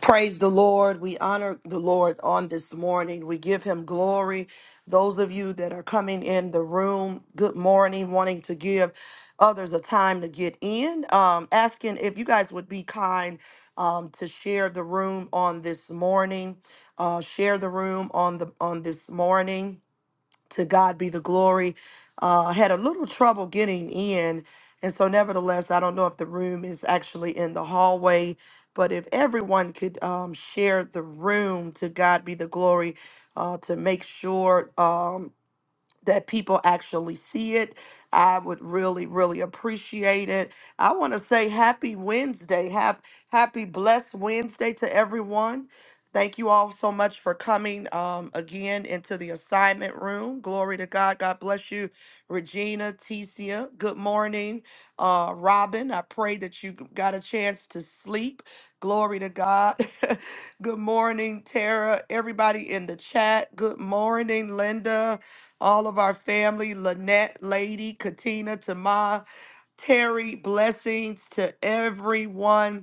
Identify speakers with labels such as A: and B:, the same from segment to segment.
A: Praise the Lord. We honor the Lord on this morning. We give him glory. Those of you that are coming in the room, good morning, wanting to give others a time to get in. Um, asking if you guys would be kind um, to share the room on this morning. Uh, share the room on the on this morning to God be the glory. Uh, I had a little trouble getting in. And so, nevertheless, I don't know if the room is actually in the hallway, but if everyone could um, share the room to God be the glory uh, to make sure. Um, that people actually see it. I would really, really appreciate it. I want to say happy Wednesday. Have happy blessed Wednesday to everyone. Thank you all so much for coming um, again into the assignment room. Glory to God. God bless you, Regina, Ticia. Good morning, uh, Robin. I pray that you got a chance to sleep. Glory to God. good morning, Tara. Everybody in the chat. Good morning, Linda all of our family, Lynette, Lady, Katina, Tama, Terry, blessings to everyone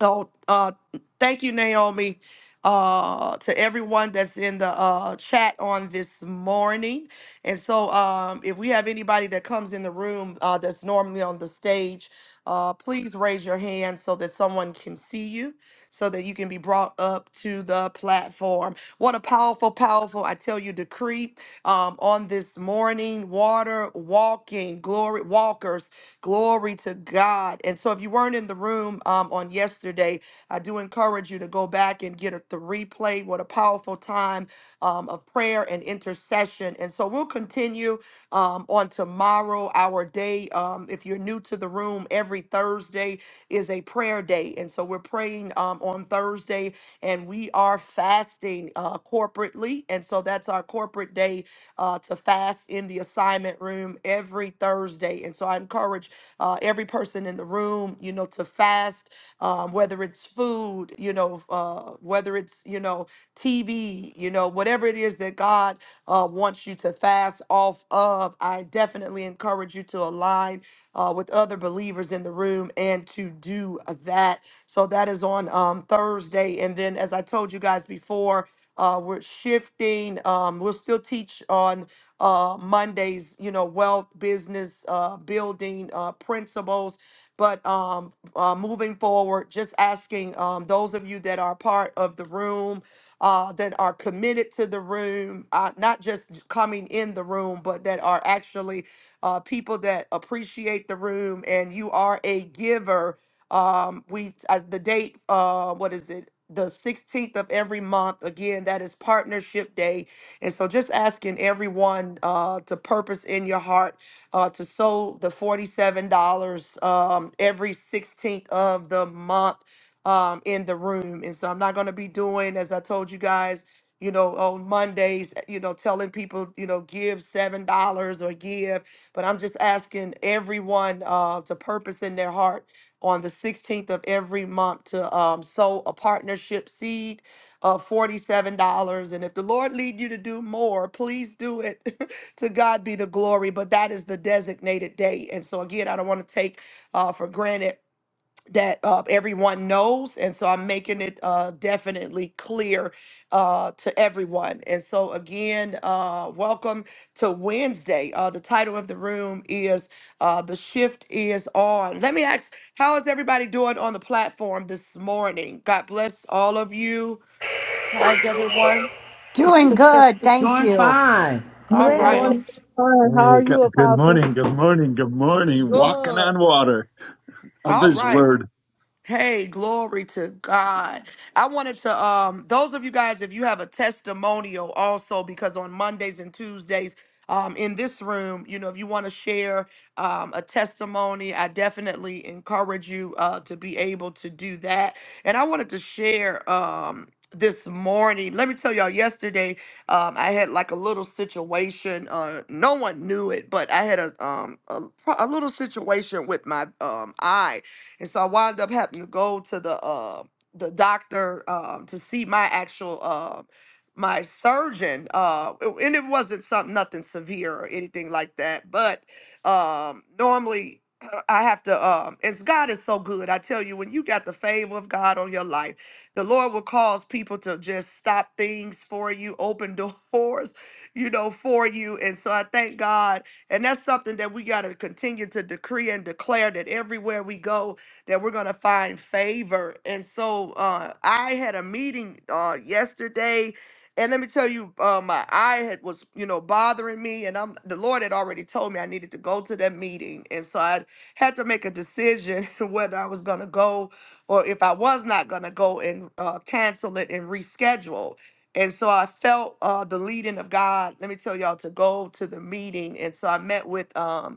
A: Oh, uh, thank you, Naomi. Uh, to everyone that's in the uh, chat on this morning. And so, um, if we have anybody that comes in the room uh, that's normally on the stage, uh, please raise your hand so that someone can see you, so that you can be brought up to the platform. What a powerful, powerful, I tell you, decree um, on this morning. Water walking, glory walkers. Glory to God. And so, if you weren't in the room um, on yesterday, I do encourage you to go back and get a, the replay. What a powerful time um, of prayer and intercession. And so, we'll continue um, on tomorrow, our day. Um, if you're new to the room, every Thursday is a prayer day. And so, we're praying um, on Thursday and we are fasting uh, corporately. And so, that's our corporate day uh, to fast in the assignment room every Thursday. And so I encourage uh, every person in the room, you know, to fast, um, whether it's food, you know, uh, whether it's, you know, TV, you know, whatever it is that God uh, wants you to fast off of, I definitely encourage you to align uh, with other believers in the room and to do that. So that is on um, Thursday. And then, as I told you guys before, uh, we're shifting. Um, we'll still teach on uh, Mondays, you know, wealth, business, uh, building uh, principles. But um, uh, moving forward, just asking um, those of you that are part of the room, uh, that are committed to the room, uh, not just coming in the room, but that are actually uh, people that appreciate the room and you are a giver. Um, we, as the date, uh, what is it? The 16th of every month. Again, that is Partnership Day and so just asking everyone uh, to purpose in your heart uh, to sow the $47 um, every 16th of the month um, in the room. And so I'm not going to be doing, as I told you guys, you know, on Mondays, eh, you know, telling people, you know, give $7 or give. But I'm just asking everyone uh, to purpose in their heart on the 16th of every month to um, sow a partnership seed of $47 and if the lord lead you to do more please do it to god be the glory but that is the designated date and so again i don't want to take uh, for granted that uh, everyone knows and so i'm making it uh, definitely clear uh, to everyone and so again uh, welcome to wednesday uh, the title of the room is uh, the shift is on let me ask how is everybody doing on the platform this morning god bless all of you How's everyone?
B: Doing good, thank
C: Doing
B: you.
C: fine.
D: For
A: All
E: Good
F: Bless.
D: real.
E: morning.
A: right.
E: Fine. How
G: Hey,
E: are
G: go-
E: you,
G: good
E: Apostle?
G: morning, good morning, good morning. Walking
A: Good.
G: on water of
A: All
G: His
A: right.
G: Word.
A: Hey, glory to God. I wanted to um those of you guys if you have a testimonial also because on Mondays and Tuesdays um in this room, you know, if you want to share um a testimony, I definitely encourage you uh to be able to do that. And I wanted to share um this morning, let me tell y'all. Yesterday, um, I had like a little situation. Uh, no one knew it, but I had a um a, a little situation with my um eye, and so I wound up having to go to the uh, the doctor um, to see my actual uh, my surgeon, uh, it- and it wasn't something nothing severe or anything like that. But um, normally I have to. Um, it's God is so good. I tell you, when you got the favor of God on your life, the Lord will cause people to just stop things for you, open doors, you know, for you. And so I thank God, and that's something that we got to continue to decree and declare that everywhere we go that we're going to find favor. And so uh, I had a meeting uh, yesterday. And let me tell you, uh, my eye had was, you know, bothering me, and I'm the Lord had already told me I needed to go to that meeting, and so I had to make a decision whether I was gonna go or if I was not gonna go and uh, cancel it and reschedule. And so I felt uh, the leading of God. Let me tell y'all to go to the meeting, and so I met with um,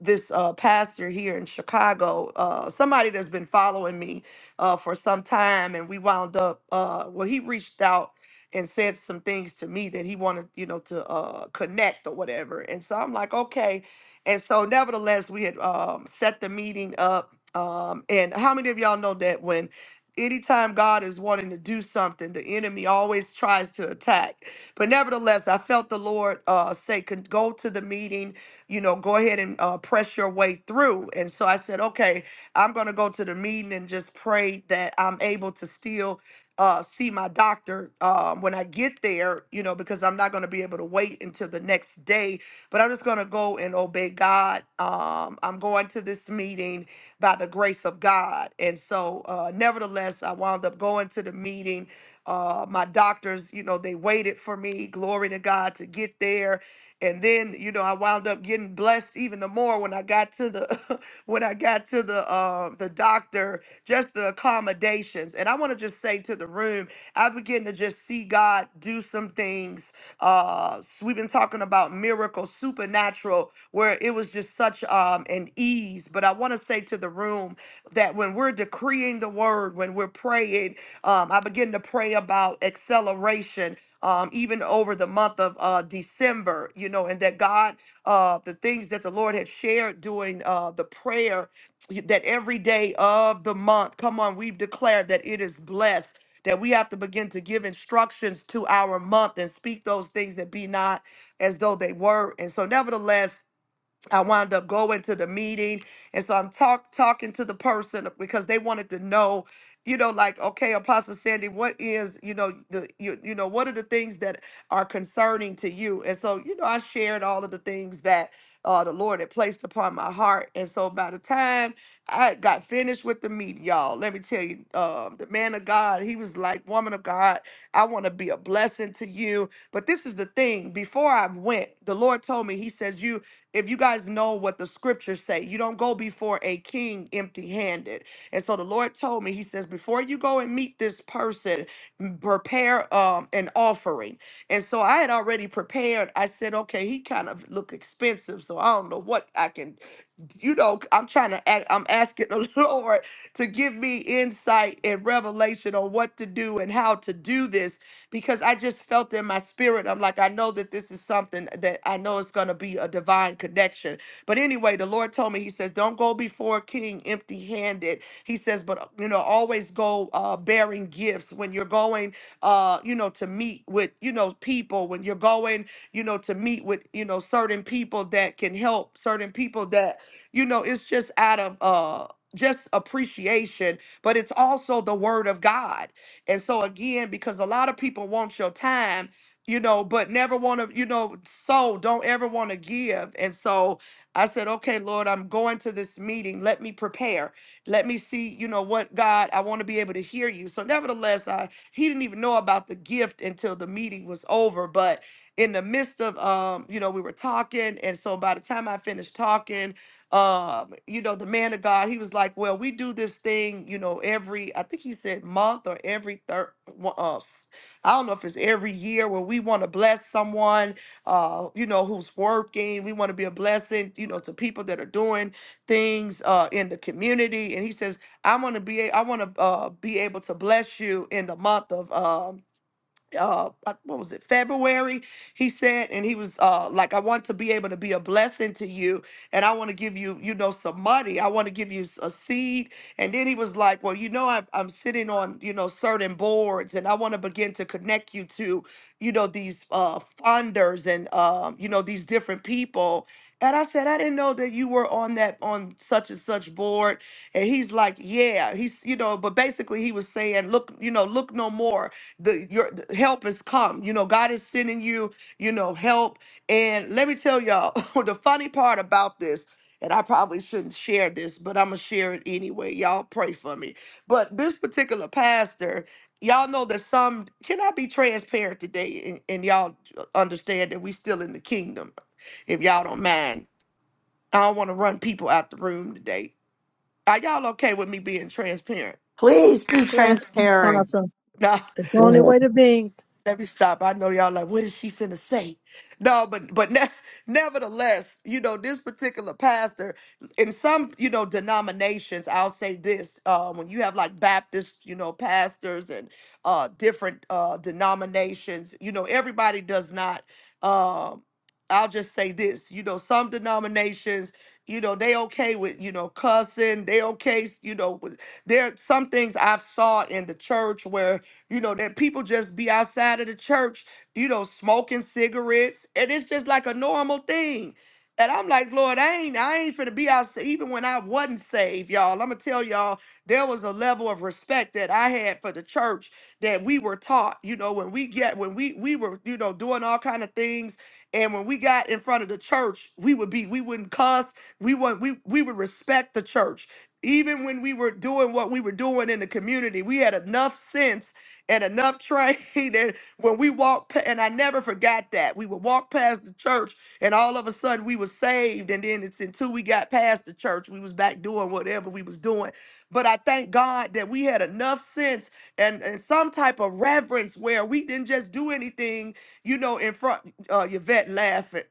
A: this uh, pastor here in Chicago, uh, somebody that's been following me uh, for some time, and we wound up. Uh, well, he reached out and said some things to me that he wanted, you know, to uh, connect or whatever. And so I'm like, okay. And so, nevertheless, we had um, set the meeting up. Um, and how many of y'all know that when anytime God is wanting to do something, the enemy always tries to attack. But nevertheless, I felt the Lord uh, say, "Con- go to the meeting you know, go ahead and uh, press your way through. And so I said, okay, I'm going to go to the meeting and just pray that I'm able to still uh, see my doctor um, when I get there, you know, because I'm not going to be able to wait until the next day. But I'm just going to go and obey God. Um, I'm going to this meeting by the grace of God. And so, uh, nevertheless, I wound up going to the meeting. Uh, my doctors, you know, they waited for me, glory to God, to get there and then you know I wound up getting blessed even the more when I got to the when I got to the uh, the doctor, just the accommodations. And I want to just say to the room, I begin to just see God do some things. Uh, s- we've been talking about miracles, supernatural, where it was just such um, an ease. But I want to say to the room that when we're decreeing the word, when we're praying, um, I begin to pray about acceleration um, even over the month of uh, December, you know, and that God, uh, the things that the Lord had shared during uh, the prayer, that every day of the month, come on, we've declared that it is blessed. That we have to begin to give instructions to our month and speak those things that be not as though they were. And so, nevertheless, I wound up going to the meeting. And so I'm talk talking to the person because they wanted to know, you know, like, okay, Apostle Sandy, what is, you know, the you, you know, what are the things that are concerning to you? And so, you know, I shared all of the things that uh the Lord had placed upon my heart. And so by the time I got finished with the meeting, y'all, let me tell you, um, the man of God, he was like, Woman of God, I want to be a blessing to you. But this is the thing, before I went, the Lord told me, He says, You if you guys know what the scriptures say, you don't go before a king empty handed. And so the Lord told me, He says, before you go and meet this person, m- prepare um, an offering. And so I had already prepared. I said, okay, he kind of look expensive, so I don't know what I can, you know, I'm trying to, act, I'm asking the Lord to give me insight and revelation on what to do and how to do this because I just felt in my spirit. I'm like, I know that this is something that I know is going to be a divine connection. But anyway, the Lord told me, He says, don't go before a king empty handed. He says, but, you know, always go uh, bearing gifts when you're going, uh, you know, to meet with, you know, people, when you're going, you know, to meet with, you know, certain people that can help, certain people that, you know, it's just out of, uh, just appreciation, but it's also the word of God. And so again, because a lot of people want your time, you know, but never want to, you know, so don't ever want to give. And so I said, okay, Lord, I'm going to this meeting. Let me prepare. Let me see, you know, what God, I want to be able to hear you. So nevertheless, I he didn't even know about the gift until the meeting was over. But in the midst of um, you know, we were talking, and so by the time I finished talking, um, you know, the man of God, he was like, well, we do this thing, you know, every, I think he said month or every third, uh, s- I don't know if it's every year where we want to bless someone, uh, you know, who's working. We want to be a blessing, you know, to people that are doing things uh, in the community. And he says, I want to be, a- I want to uh, be able to bless you in the month of, um uh uh, what was it february he said and he was uh like i want to be able to be a blessing to you and i want to give you you know some money i want to give you s- a seed and then he was like well you know I'm, I'm sitting on you know certain boards and i want to begin to connect you to you know these uh funders and um you know these different people and i said i didn't know that you were on that on such and such board and he's like yeah he's you know but basically he was saying look you know look no more the your the help has come you know god is sending you you know help and let me tell y'all the funny part about this and i probably shouldn't share this but i'm gonna share it anyway y'all pray for me but this particular pastor y'all know that some can i be transparent today and, and y'all understand that we still in the kingdom if y'all don't mind i don't want to run people out the room today are y'all okay with me being transparent
B: Please be
E: Trent,
B: transparent.
E: Apostle.
A: no
E: It's the
H: Go
E: only
H: ahead.
E: way to be.
A: Let me stop. I know y'all like, what is she finna say? No, but but ne- nevertheless, you know this particular pastor in some you know denominations. I'll say this: uh, when you have like Baptist, you know, pastors and uh, different uh, denominations, you know, everybody does not. Um, I'll just say this: you know, some denominations, you know, they okay with you know cussing. They okay, you know, with, there some things I've saw in the church where you know, that people just be outside of the church, you know, smoking cigarettes. And it's just like a normal thing. And I'm like, Lord, I ain't, I ain't finna be out. Even when I wasn't saved, y'all, I'm gonna tell y'all, there was a level of respect that I had for the church that we were taught. You know, when we get, when we we were, you know, doing all kind of things, and when we got in front of the church, we would be, we wouldn't cuss, we would, we we would respect the church. Even when we were doing what we were doing in the community, we had enough sense and enough train that when we walked pa- and I never forgot that we would walk past the church and all of a sudden we were saved and then it's until we got past the church we was back doing whatever we was doing but I thank God that we had enough sense and, and some type of reverence where we didn't just do anything you know in front uh Yvette laughing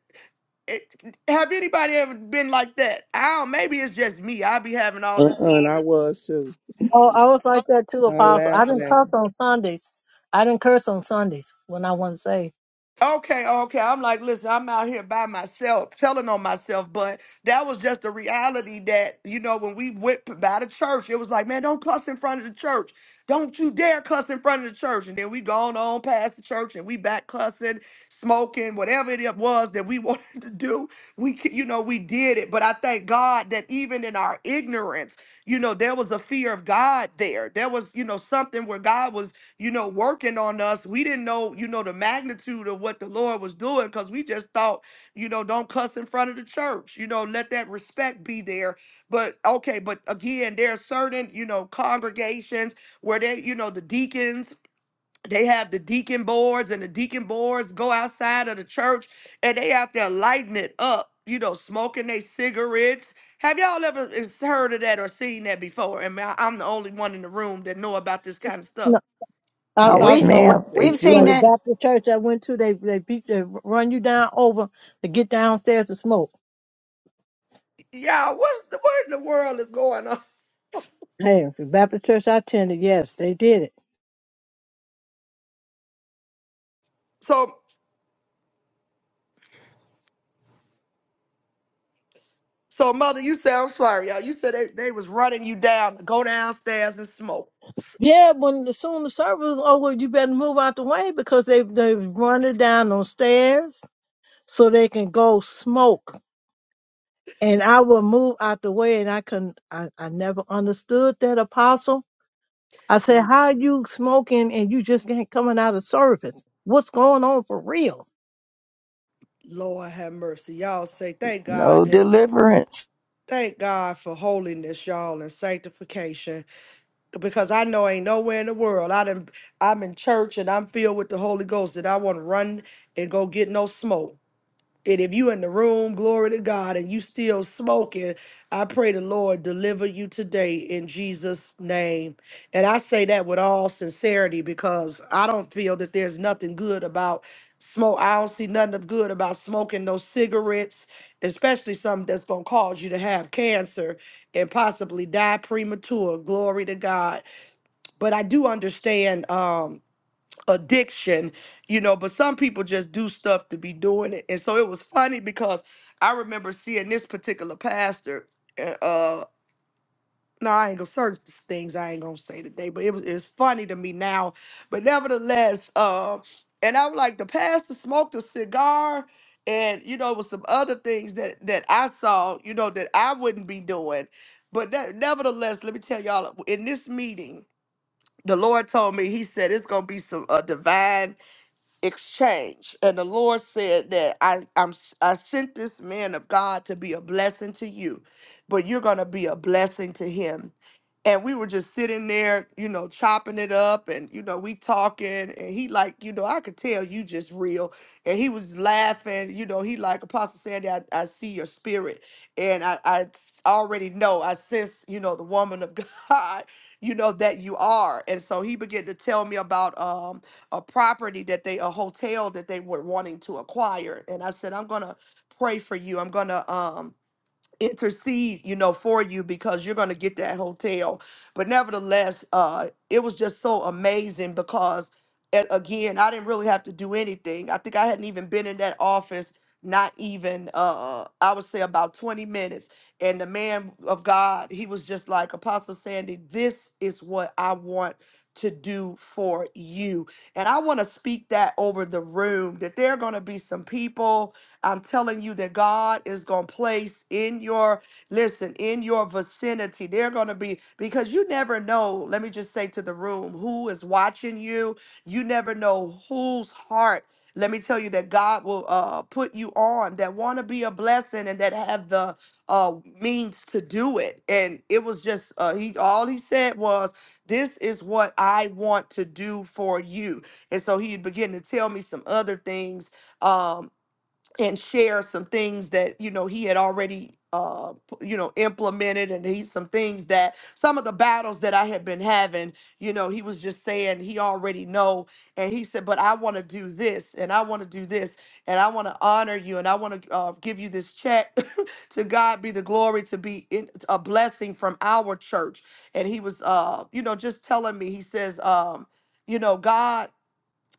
A: it, have anybody ever been like that I don't, maybe it's just me I be having all
H: Uh-uh,
A: this
H: and I was too.
E: Oh, I was like that too,
H: I
E: Apostle. I
H: laughing
E: didn't
H: at her.
E: cuss on Sundays. I didn't curse on Sundays when I wasn't saved.
A: Okay, okay. I'm like, listen, I'm out here by myself, telling on myself, but that was just the reality that, you know, when we went p- by the church, it was like, man, don't cuss in front of the church. Don't you dare cuss in front of the church. And then we gone on past the church and we back cussing, smoking, whatever it was that we wanted to do. We, c- you know, we did it. But I thank God that even in our ignorance, you know, there was a fear of God there. There was, you know, something where God was you know, working on us. We didn't know, you know, the magnitude of what the Lord was doing because we just thought, you know, don't cuss in front of the church, you know, let that respect be there. But okay, but again, there are certain, you know, congregations where they, you know, the deacons, they have the deacon boards and the deacon boards go outside of the church and they have to lighten it up, you know, smoking their cigarettes. Have y'all ever is- heard of that or seen that before? And I- I'm the only one in the room that know about this kind of stuff
E: No, I,
B: Now
H: No,
E: I
I: Yes,
B: we
E: saw
B: we-
I: ma'am.
E: it.
I: They
B: we've
H: Apostle.
I: do
B: seen
E: Well, the
I: it.
B: it.
E: Baptist church I went to, they they beat, they run you down over to get downstairs to smoke.
A: y'all, what's the what in the world is going on?
E: Hey, the Baptist church I attended, yes, they did it.
A: So so mother, you said I'm sorry, y'all. You said they, they was running you down to go downstairs and smoke.
E: Yeah, when as soon as the service was over, you better move out the way because they they run it down on stairs so they can go smoke. and I would move out the way. And I can I, I never understood that apostle. I said, how you smoking and you just ain't coming out of service? What's going on for real?
A: Lord have mercy. Y'all say thank God
I: No
A: that
I: deliverance.
A: thank God for holiness, y'all, and sanctification. Because I know ain't nowhere in the world. I done I'm in church and I'm filled with the Holy Ghost that I want to run and go get no smoke. And if you in the room, glory to God, and you still smoking, I pray the Lord deliver you today in Jesus' name. And I say that with all sincerity because I don't feel that there's nothing good about smoke. I don't see nothing of good about smoking no cigarettes, especially something that's gonna cause you to have cancer and possibly die premature. Glory to God. But I do understand. Um, addiction, you know, but some people just do stuff to be doing it. And so it was funny because I remember seeing this particular pastor. Uh, uh, no, I ain't gonna search these things I ain't gonna say today, but it was it's funny to me now. But nevertheless, uh, and I'm like the pastor smoked a cigar, and you know, with some other things that that I saw, you know, that I wouldn't be doing. But that, nevertheless, let me tell y'all in this meeting, the Lord told me, He said it's gonna be some a divine exchange and the lord said that i i'm i sent this man of god to be a blessing to you but you're going to be a blessing to him and we were just sitting there you know chopping it up and you know we talking and he like you know i could tell you just real and he was laughing you know he like apostle sandy i, I see your spirit and I, I s- already know i sense you know the woman of god you know that you are and so he began to tell me about um a property that they a hotel that they were wanting to acquire and i said i'm gonna pray for you i'm gonna um intercede, you know, for you because you're going to get that hotel. But nevertheless, uh, it was just so amazing because, a- again, I didn't really have to do anything. I think I hadn't even been in that office, not even, uh, uh, I would say about 20 minutes. And the man of God, he was just like, Apostle Sandy, this is what I want to do for you. And I want to speak that over the room that there are going to be some people I'm telling you that God is going to place in your, listen, in your vicinity, they're going to be, because you never know, let me just say to the room, who is watching you. You never know whose heart. Let me tell you that God will uh, put you on that want to be a blessing and that have the uh, means to do it. And it was just uh, he all he said was, "This is what I want to do for you." And so he began to tell me some other things um, and share some things that you know he had already uh p- you know implemented and he some things that some of the battles that I had been having you know he was just saying he already know and he said but I want to do this and I want to do this and I want to honor you and I want to uh, give you this check to God be the glory to be in, a blessing from our church and he was uh you know just telling me he says um you know God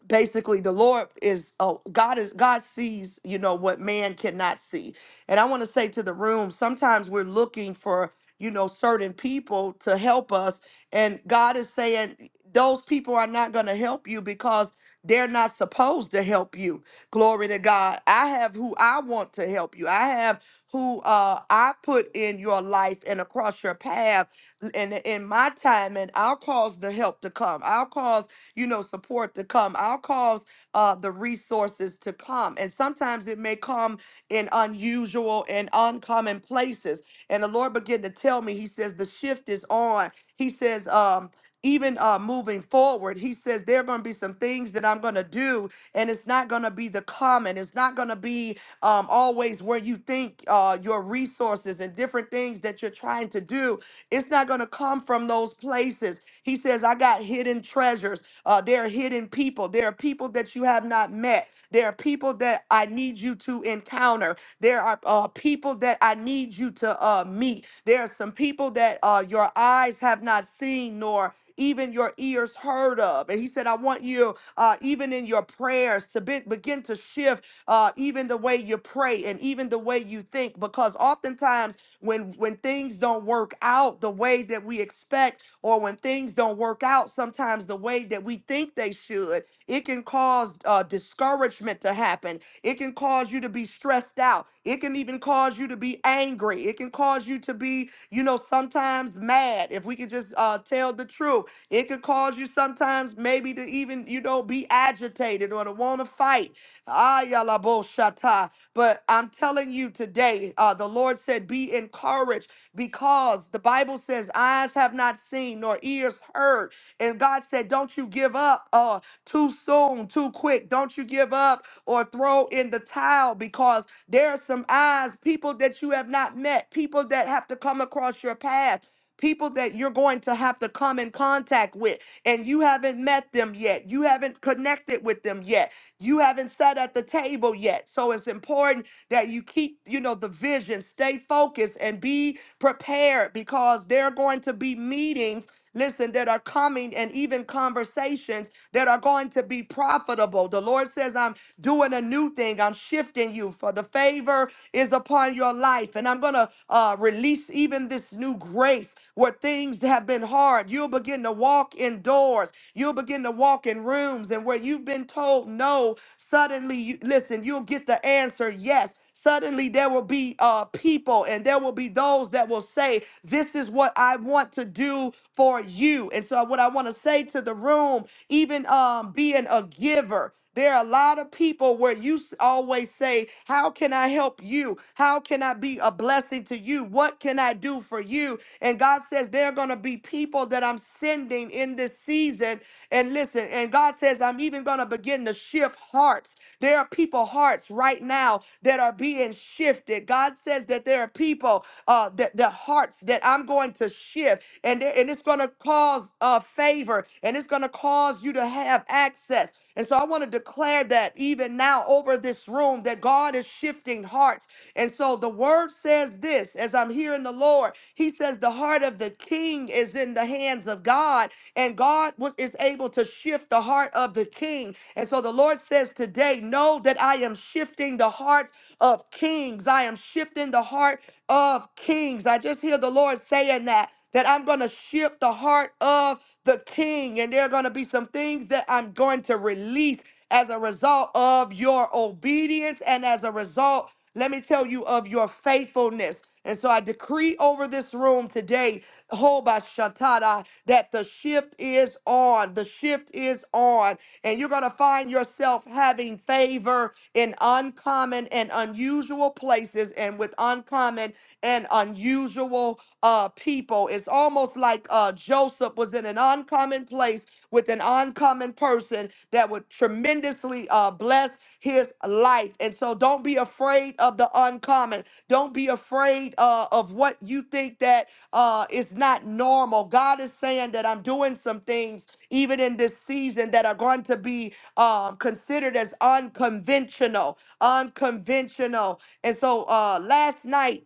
A: basically the lord is oh god is god sees you know what man cannot see and i want to say to the room sometimes we're looking for you know certain people to help us and god is saying those people are not going to help you because they're not supposed to help you glory to god i have who i want to help you i have who uh, i put in your life and across your path and in my time and i'll cause the help to come i'll cause you know, support to come. I'll cause uh, the resources to come. And sometimes it may come in unusual and uncommon places. And the Lord began to tell me, He says, the shift is on. He says, um, even uh, moving forward, he says there are going to be some things that I'm going to do, and it's not going to be the common. It's not going to be um, always where you think uh, your resources and different things that you're trying to do. It's not going to come from those places. He says, I got hidden treasures. Uh, there are hidden people. There are people that you have not met. There are people that I need you to encounter. There are uh, people that I need you to uh, meet. There are some people that uh, your eyes have not seen, nor even your ears heard of. And he said, I want you, uh, even in your prayers, to be- begin to shift uh, even the way you pray and even the way you think, because oftentimes when when things don't work out the way that we expect or when things don't work out sometimes the way that we think they should, it can cause uh, discouragement to happen. It can cause you to be stressed out. It can even cause you to be angry. It can cause you to be, you know, sometimes mad. If we could just uh, tell the truth, it could cause you sometimes maybe to even, you know, be agitated or to want to fight. Ah, yalla bo shata. But I'm telling you today, uh, the Lord said, be encouraged because the Bible says eyes have not seen nor ears heard. And God said, Don't you give up uh, too soon, too quick. Don't you give up or throw in the towel because there are some eyes, people that you have not met, people that have to come across your path. People that you're going to have to come in contact with, and you haven't met them yet. You haven't connected with them yet. You haven't sat at the table yet. So it's important that you keep, you know, the vision, stay focused, and be Prepared because there are going to be meetings, listen, that are coming and even conversations that are going to be profitable. The Lord says, I'm doing a new thing. I'm shifting you for the favor is upon your life. And I'm going to uh, release even this new grace where things have been hard. You'll begin to walk indoors. You'll begin to walk in rooms and where you've been told no, suddenly you listen, you'll get the answer yes. Suddenly, there will be uh, people, and there will be those that will say, This is what I want to do for you. And so, what I want to say to the room, even um, being a giver. There are a lot of people where you s- always say, How can I help you? How can I be a blessing to you? What can I do for you? And God says, There are going to be people that I'm sending in this season. And listen, and God says, I'm even going to begin to shift hearts. There are people hearts right now that are being shifted. God says that there are people uh, that the hearts that I'm going to shift and, and it's going to cause uh, favor and it's going to cause you to have access. And so I want to declare that even now over this room that God is shifting hearts. And so the word says this as I'm hearing the Lord, he says, The heart of the king is in the hands of God, and God was, is able to shift the heart of the king. And so the Lord says today, Know that I am shifting the hearts of kings, I am shifting the heart of kings. I just hear the Lord saying that, that I'm going to shift the heart of the king, and there are going to be some things that I'm going to release as a result of your obedience and as a result, let me tell you, of your faithfulness. And so I decree over this room today, Hoba Shatada, that the shift is on. The shift is on. And you're going to find yourself having favor in uncommon and unusual places and with uncommon and unusual uh, people. It's almost like uh, Joseph was in an uncommon place with an uncommon person that would tremendously uh, bless his life. And so don't be afraid of the uncommon. Don't be afraid uh, of what you think that uh, is not normal. God is saying that I'm doing some things even in this season that are going to be um, considered as unconventional, unconventional. And so uh, last night,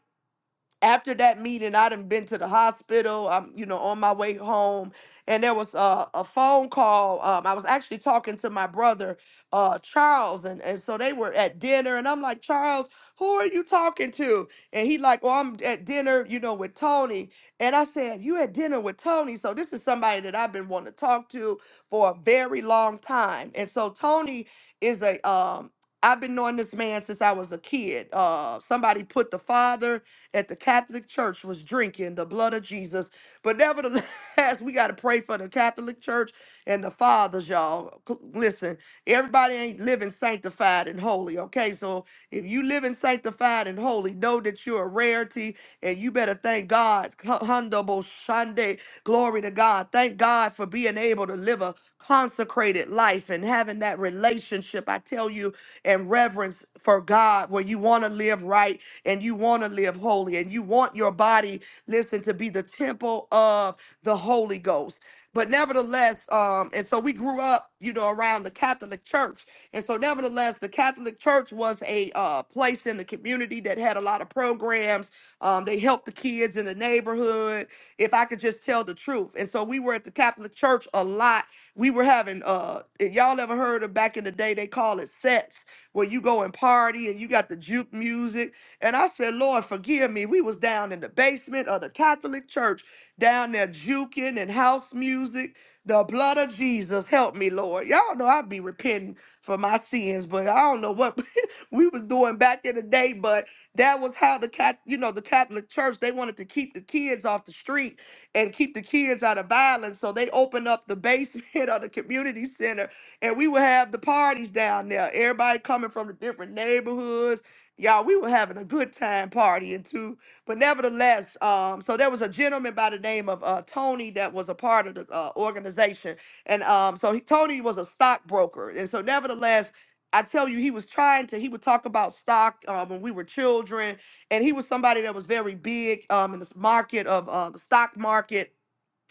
A: after that meeting, I done been to the hospital. I'm, you know, on my way home, and there was a, a phone call. Um, I was actually talking to my brother, uh, Charles, and and so they were at dinner, and I'm like, Charles, who are you talking to? And he like, well, I'm at dinner, you know, with Tony. And I said, you at dinner with Tony? So this is somebody that I've been wanting to talk to for a very long time. And so Tony is a um. I've been knowing this man since I was a kid. Uh, somebody put the father at the Catholic Church was drinking the blood of Jesus. But nevertheless, we got to pray for the Catholic Church and the fathers, y'all. C- Listen, everybody ain't living sanctified and holy, okay? So if you living sanctified and holy, know that you're a rarity and you better thank God. H- Hundable Shande, glory to God. Thank God for being able to live a consecrated life and having that relationship, I tell you, and reverence for God where you want to live right and you want to live holy and you want your body, listen, to be the temple of the Holy Ghost. But nevertheless, um, and so we grew up, you know, around the Catholic Church. And so, nevertheless, the Catholic Church was a uh, place in the community that had a lot of programs. Um, they helped the kids in the neighborhood, if I could just tell the truth. And so, we were at the Catholic Church a lot. We were having, uh, if y'all ever heard of back in the day, they call it sets, where you go and party and you got the juke music and I said, Lord, forgive me. We was down in the basement of the Catholic church, down there juking and house music. The blood of Jesus, help me, Lord. Y'all know i be repenting for my sins, but I don't know what we was doing back in the day. But that was how the cat, you know, the Catholic Church they wanted to keep the kids off the street and keep the kids out of violence, so they opened up the basement of the community center, and we would have the parties down there. Everybody coming from the different neighborhoods Y'all, we were having a good time partying too. But nevertheless, um, so there was a gentleman by the name of uh, Tony that was a part of the uh, organization. And um, so he, Tony was a stockbroker. And so, nevertheless, I tell you, he was trying to, he would talk about stock um, when we were children. And he was somebody that was very big um, in this market of uh, the stock market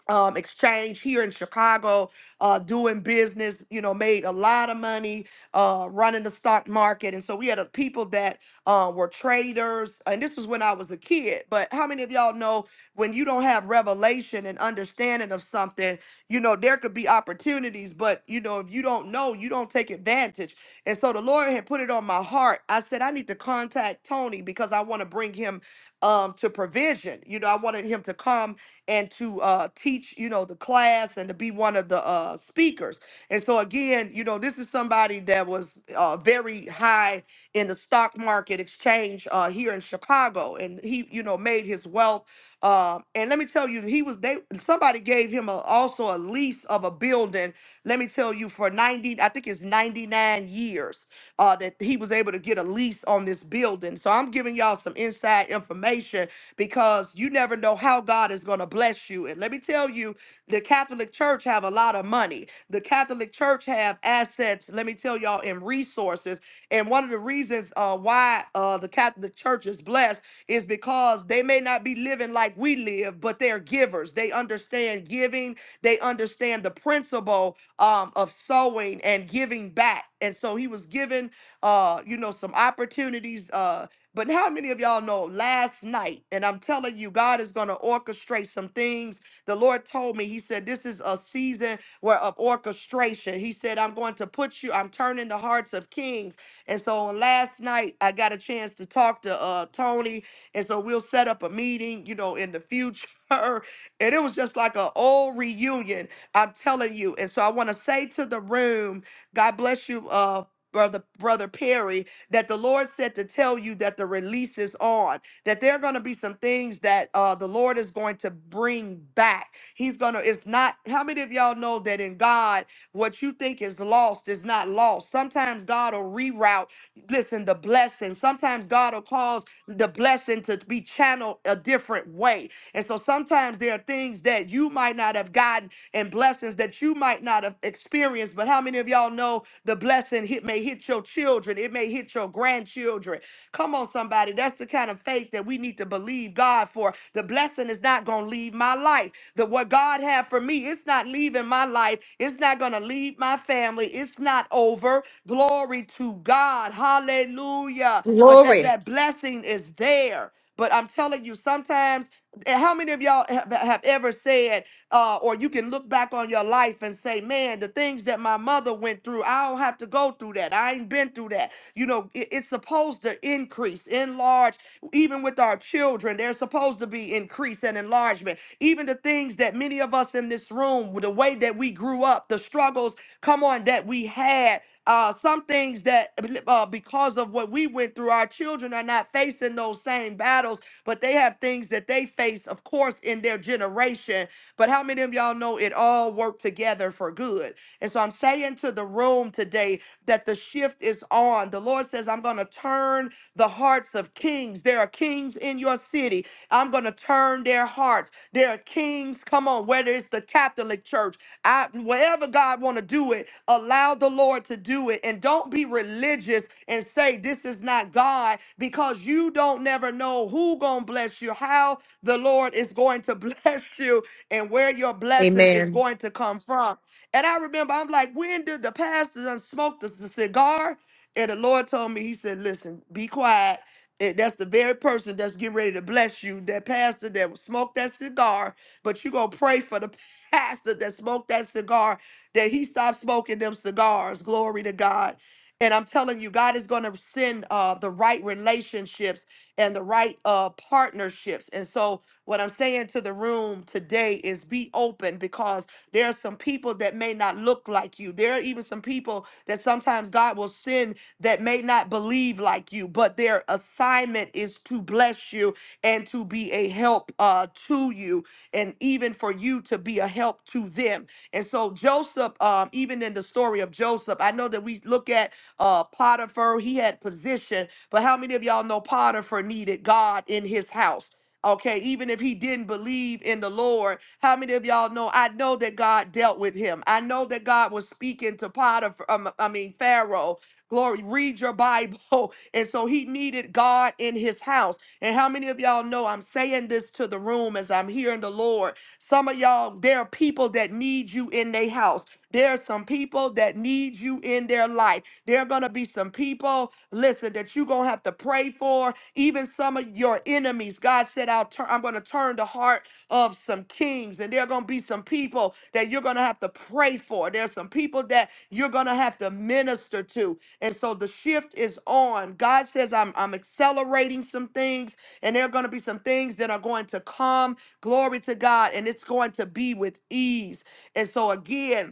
A: um, exchange here in Chicago, uh, doing business, you know, made a lot of money uh, running the stock market. And so we had a, people that uh, were traders. And this was when I was a kid. But how many of y'all know when you don't have revelation and understanding of something, you know, there could be opportunities, but, you know, if you don't know, you don't take advantage. And so the Lord had put it on my heart. I said, I need to contact Tony because I want to bring him um, to provision. You know, I wanted him to come and to uh, teach, you know, the class and to be one of the uh, speakers. And so again, you know, this is somebody that was uh, very high in the stock market exchange uh, here in Chicago, and he, you know, made his wealth. Uh, and let me tell you, he was they somebody gave him a, also a lease of a building. Let me tell you, for ninety, I think it's ninety nine years uh, that he was able to get a lease on this building. So I'm giving y'all some inside information because you never know how God is going to bless you. And let me tell you, the Catholic Church have a lot of money. The Catholic Church have assets. Let me tell y'all in resources. And one of the reasons uh, why uh, the Catholic Church is blessed is because they may not be living like we live, but they're givers. They understand giving they understand the principle um, of sowing and giving back. And so he was given, uh, you know, some opportunities. Uh, but how many of y'all know last night? And I'm telling you, God is going to orchestrate some things. The Lord told me, He said, this is a season where of orchestration. He said, I'm going to put you, I'm turning the hearts of kings. And so on last night, I got a chance to talk to uh, Tony. And so we'll set up a meeting, you know, in the future. And it was just like an old reunion, I'm telling you. And so I want to say to the room, God bless you, uh, brother, brother Perry, that the Lord said to tell you that the release is on. That there are going to be some things that uh, the Lord is going to bring back. He's gonna. It's not. How many of y'all know that in God, what you think is lost is not lost? Sometimes God will reroute listen, the blessing. Sometimes God will cause the blessing to be channeled a different way. And so sometimes there are things that you might not have gotten and blessings that you might not have experienced. But how many of y'all know the blessing hit may hit your children, it may hit your grandchildren? grandchildren. Come on, somebody. That's the kind of faith that we need to believe God for. The blessing is not going to leave my life. The what God had for me, it's not leaving my life. It's not going to leave my family. It's not over. Glory to God. Hallelujah. But that
J: Glory.
A: that blessing is there. But I'm telling you, sometimes, and how many of y'all have, have ever said, uh, or you can look back on your life and say, man, the things that my mother went through, I don't have to go through that. I ain't been through that. You know, it- it's supposed to increase, enlarge, even with our children. There's supposed to be increase and enlargement. Even the things that many of us in this room, with the way that we grew up, the struggles, come on, that we had, uh, some things that uh, because of what we went through, our children are not facing those same battles, but they have things that they face, of course, in their generation. But how many of y'all know it all worked together for good? And so I'm saying to the room today, that the shift is on. The Lord says, I'm going to turn the hearts of kings. There are kings in your city. I'm going to turn their hearts. There are kings, come on, whether it's the Catholic Church, I, wherever God want to do it, allow the Lord to do it. And don't be religious and say, this is not God, because you don't never know who going to bless you, how the Lord is going to bless you, and where your blessing is
J: Amen.
A: going to come from. And I remember I'm like, when did the pastor done smoked us a cigar? And the Lord told me, He said, Listen, be quiet. And that's the very person that's getting ready to bless you, that pastor that smoked that cigar. But you gonna pray for the pastor that smoked that cigar, that he stopped smoking them cigars. Glory to God. And I'm telling you, God is gonna send uh, the right relationships and the right uh, partnerships. And so, what I'm saying to the room today is be open because there are some people that may not look like you. There are even some people that sometimes God will send that may not believe like you, but their assignment is to bless you and to be a help uh, to you, and even for you to be a help to them. And so, Joseph, um, even in the story of Joseph, I know that we look at uh, Potiphar, he had position, but how many of y'all know Potiphar needed God in his house? Okay, even if he didn't believe in the Lord, how many of y'all know? I know that God dealt with him. I know that God was speaking to Potiphar, um, I mean, Pharaoh. Glory, read your Bible. And so he needed God in his house. And how many of y'all know I'm saying this to the room as I'm hearing the Lord? Some of y'all, there are people that need you in their house. There are some people that need you in their life. There are going to be some people, listen, that you're going to have to pray for. Even some of your enemies. God said, I'll turn, I'm going to turn the heart of some kings, and there are going to be some people that you're going to have to pray for. There's some people that you're going to have to minister to. And so the shift is on. God says, I'm, I'm accelerating some things, and there are going to be some things that are going to come. Glory to God, and it's going to be with ease. And so, again,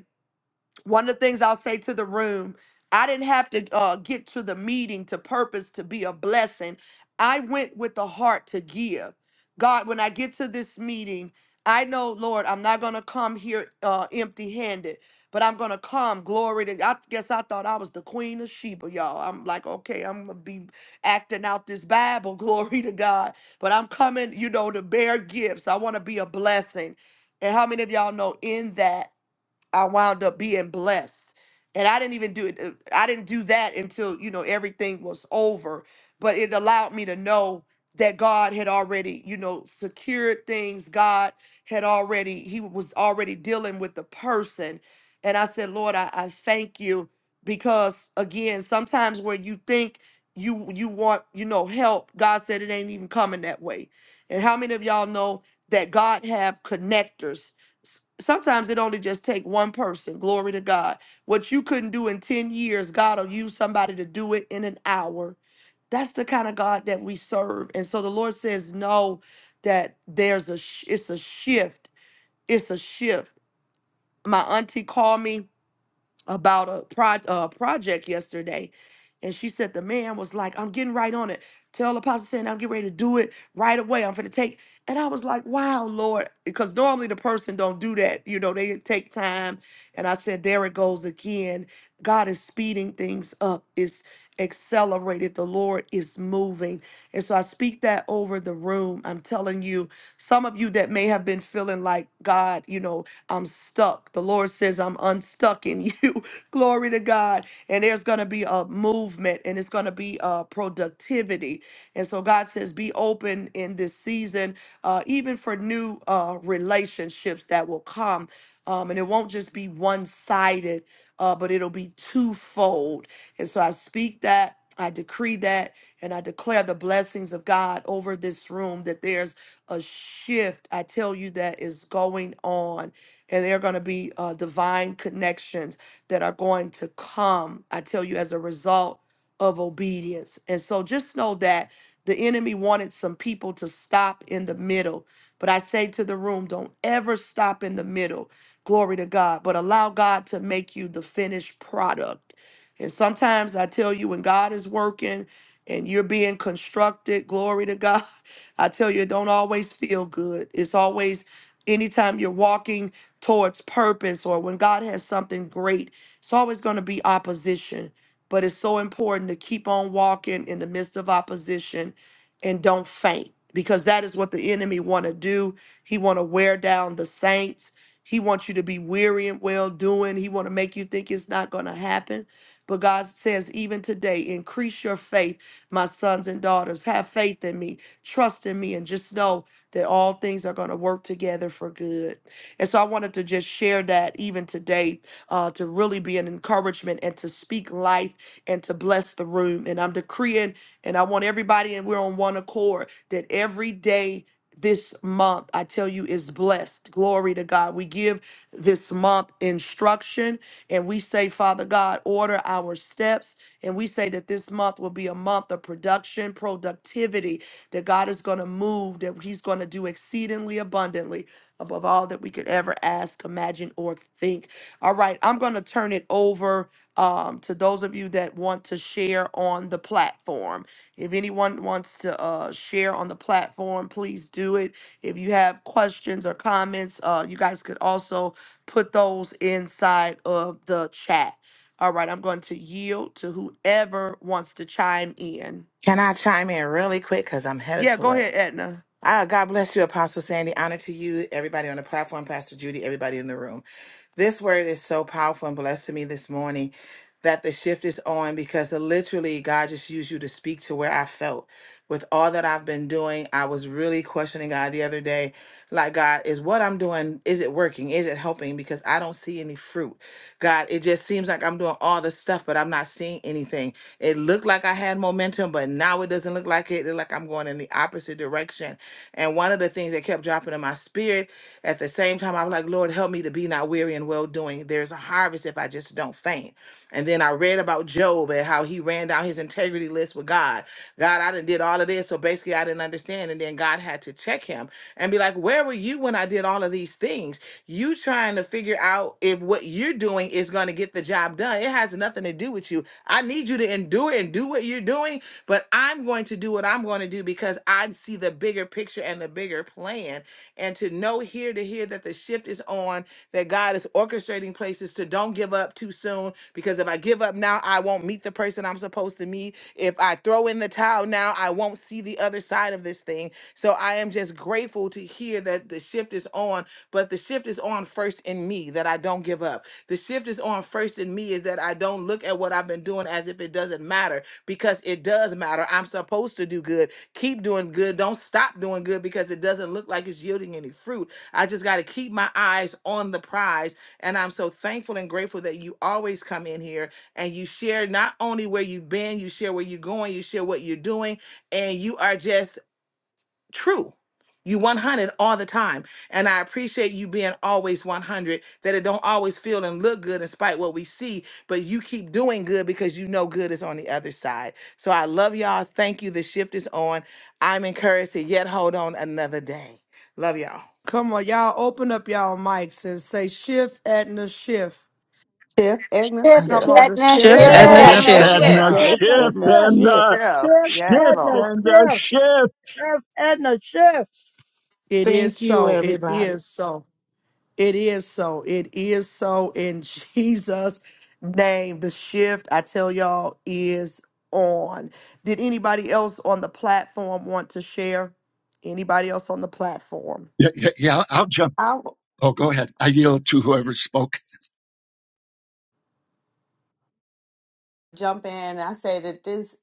A: one of the things I'll say to the room, I didn't have to uh, get to the meeting to purpose to be a blessing. I went with the heart to give. God, when I get to this meeting, I know, Lord, I'm not going to come here uh, empty handed, but I'm going to come. Glory to I guess I thought I was the queen of Sheba, y'all. I'm like, okay, I'm going to be acting out this Bible. Glory to God. But I'm coming, you know, to bear gifts. I want to be a blessing. And how many of y'all know in that? I wound up being blessed. And I didn't even do it. uh, I didn't do that until, you know, everything was over. But it allowed me to know that God had already, you know, secured things. God had already, He was already dealing with the person. And I said, Lord, I, I thank you because again, sometimes when you think you you want, you know, help, God said it ain't even coming that way. And how many of y'all know that God have connectors? s- sometimes it only just take one person glory to god what you couldn't do in 10 years god will use somebody to do it in an hour that's the kind of god that we serve and so the lord says no that there's a sh- it's a shift it's a shift my auntie called me about a pro- a project yesterday. And she said the man was like, I'm getting right on it. Tell Apostle saying I'm getting ready to do it right away. I'm going to take. And I was like, wow, Lord. Because normally the person don't do that. You know, they take time. And I said, there it goes again. God is speeding things up. It's accelerated. The Lord is moving. And so I speak that over the room. I'm telling you, some of you that may have been feeling like God, you know, I'm stuck. The Lord says, I'm unstuck in you. Glory to God. And there's going to be a movement and it's going to be a productivity. And so God says, be open in this season, uh, even for new uh, relationships that will come. Um, and it won't just be one sided, uh, but it'll be twofold. And so I speak that. I decree that and I declare the blessings of God over this room that there's a shift. I tell you that is going on and there are going to be uh, divine connections that are going to come, I tell you, as a result of obedience. And so just know that the enemy wanted some people to stop in the middle. But I say to the room, don't ever stop in the middle. Glory to God. But allow God to make you the finished product. And sometimes I tell you, when God is working and you're being constructed, glory to God, I tell you, it don't always feel good. It's always anytime you're walking towards purpose or when God has something great, it's always going to be opposition. But it's so important to keep on walking in the midst of opposition and don't faint because that is what the enemy want to do. He want to wear down the saints. He wants you to be weary and well doing. He want to make you think it's not going to happen. But God says, even today, increase your faith, my sons and daughters. Have faith in me, trust in me, and just know that all things are going to work together for good. And so I wanted to just share that even today uh, to really be an encouragement and to speak life and to bless the room. And I'm decreeing, and I want everybody, and we're on one accord, that every day this month, I tell you, is blessed. Glory to God. We give this month instruction and we say, Father God, order our steps. And we say that this month will be a month of production, productivity, that God is going to move, that He's going to do exceedingly abundantly above all that we could ever ask, imagine, or think. All right, I'm going to turn it over um, to those of you that want to share on the platform. If anyone wants to uh, share on the platform, please do it. If you have questions or comments, uh, you guys could also put those inside of the chat. All right, I'm going to yield to whoever wants to chime in.
K: Can I chime in really quick? Because I'm headed
A: Yeah,
K: to
A: go
K: work.
A: ahead, Edna.
K: Ah, God bless you, Apostle Sandy. Honor to you, everybody on the platform, Pastor Judy, everybody in the room. This word is so powerful and blessed to me this morning that the shift is on because literally God just used you to speak to where I felt with all that I've been doing. I was really questioning God the other day. Like, God, is what I'm doing, is it working? Is it helping? Because I don't see any fruit. God, it just seems like I'm doing all this stuff, but I'm not seeing anything. It looked like I had momentum, but now it doesn't look like it. It look like I'm going in the opposite direction. And one of the things that kept dropping in my spirit at the same time, I was like, Lord, help me to be not weary and well doing. There's a harvest if I just don't faint. And then I read about Job and how he ran down his integrity list with God. God, I done did all of this. So basically I didn't understand. And then God had to check him and be like, where were you when I did all of these things? You trying to figure out if what you're doing is going to get the job done. It has nothing to do with you. I need you to endure and do what you're doing, but I'm going to do what I'm going to do because I see the bigger picture and the bigger plan. And to know here to hear that the shift is on that God is orchestrating places to don't give up too soon because if I give up now, I won't meet the person I'm supposed to meet. If I throw in the towel now, I won't see the other side of this thing. So I am just grateful to hear that the shift is on, but the shift is on first in me that I don't give up. The shift is on first in me is that I don't look at what I've been doing as if it doesn't matter because it does matter. I'm supposed to do good. Keep doing good. Don't stop doing good because it doesn't look like it's yielding any fruit. I just got to keep my eyes on the prize. And I'm so thankful and grateful that you always come in here and you share not only where you've been, you share where you're going, you share what you're doing, and you are just true. You 100 all the time. And I appreciate you being always 100, that it don't always feel and look good in spite what we see, but you keep doing good because you know good is on the other side. So I love y'all. Thank you. The shift is on. I'm encouraged to yet hold on another day. Love y'all.
A: Come on, y'all open up y'all mics and say shift, Edna, shift.
L: Chef Agnes
B: Shift,
A: Come
L: Chef.
E: Chip
A: on, the
B: Edna,
A: shift
E: Adna
M: Shift,
A: is
L: Chef,
N: Shift,
M: Edna,
E: Chef.
O: Shift
G: Shift
A: on.
B: shift,
N: Edna,
G: and
O: over
M: shift.
G: the
N: shift.
L: hallelujah.
E: Chef
O: shift.
I: Shift
E: Adna
G: shift
I: in the
E: Chef.
G: and
I: shift.
G: the
L: Chef,
E: Chef
L: yes,
G: shift
E: Edna
L: Lord.
G: and the
E: Chef.
G: shift.
E: Chef Edna, chef. Chef Edna
A: It is
K: Thank you,
A: so. It
K: everybody.
A: is so. It is so. It is so in Jesus' name. The shift, I tell y'all, is on. Did anybody else on the platform want to share? Anybody else on the platform?
G: Yeah, yeah, yeah I'll jump.
L: I w-
G: Oh, go ahead. I yield to whoever spoke.
L: jump in. I say that this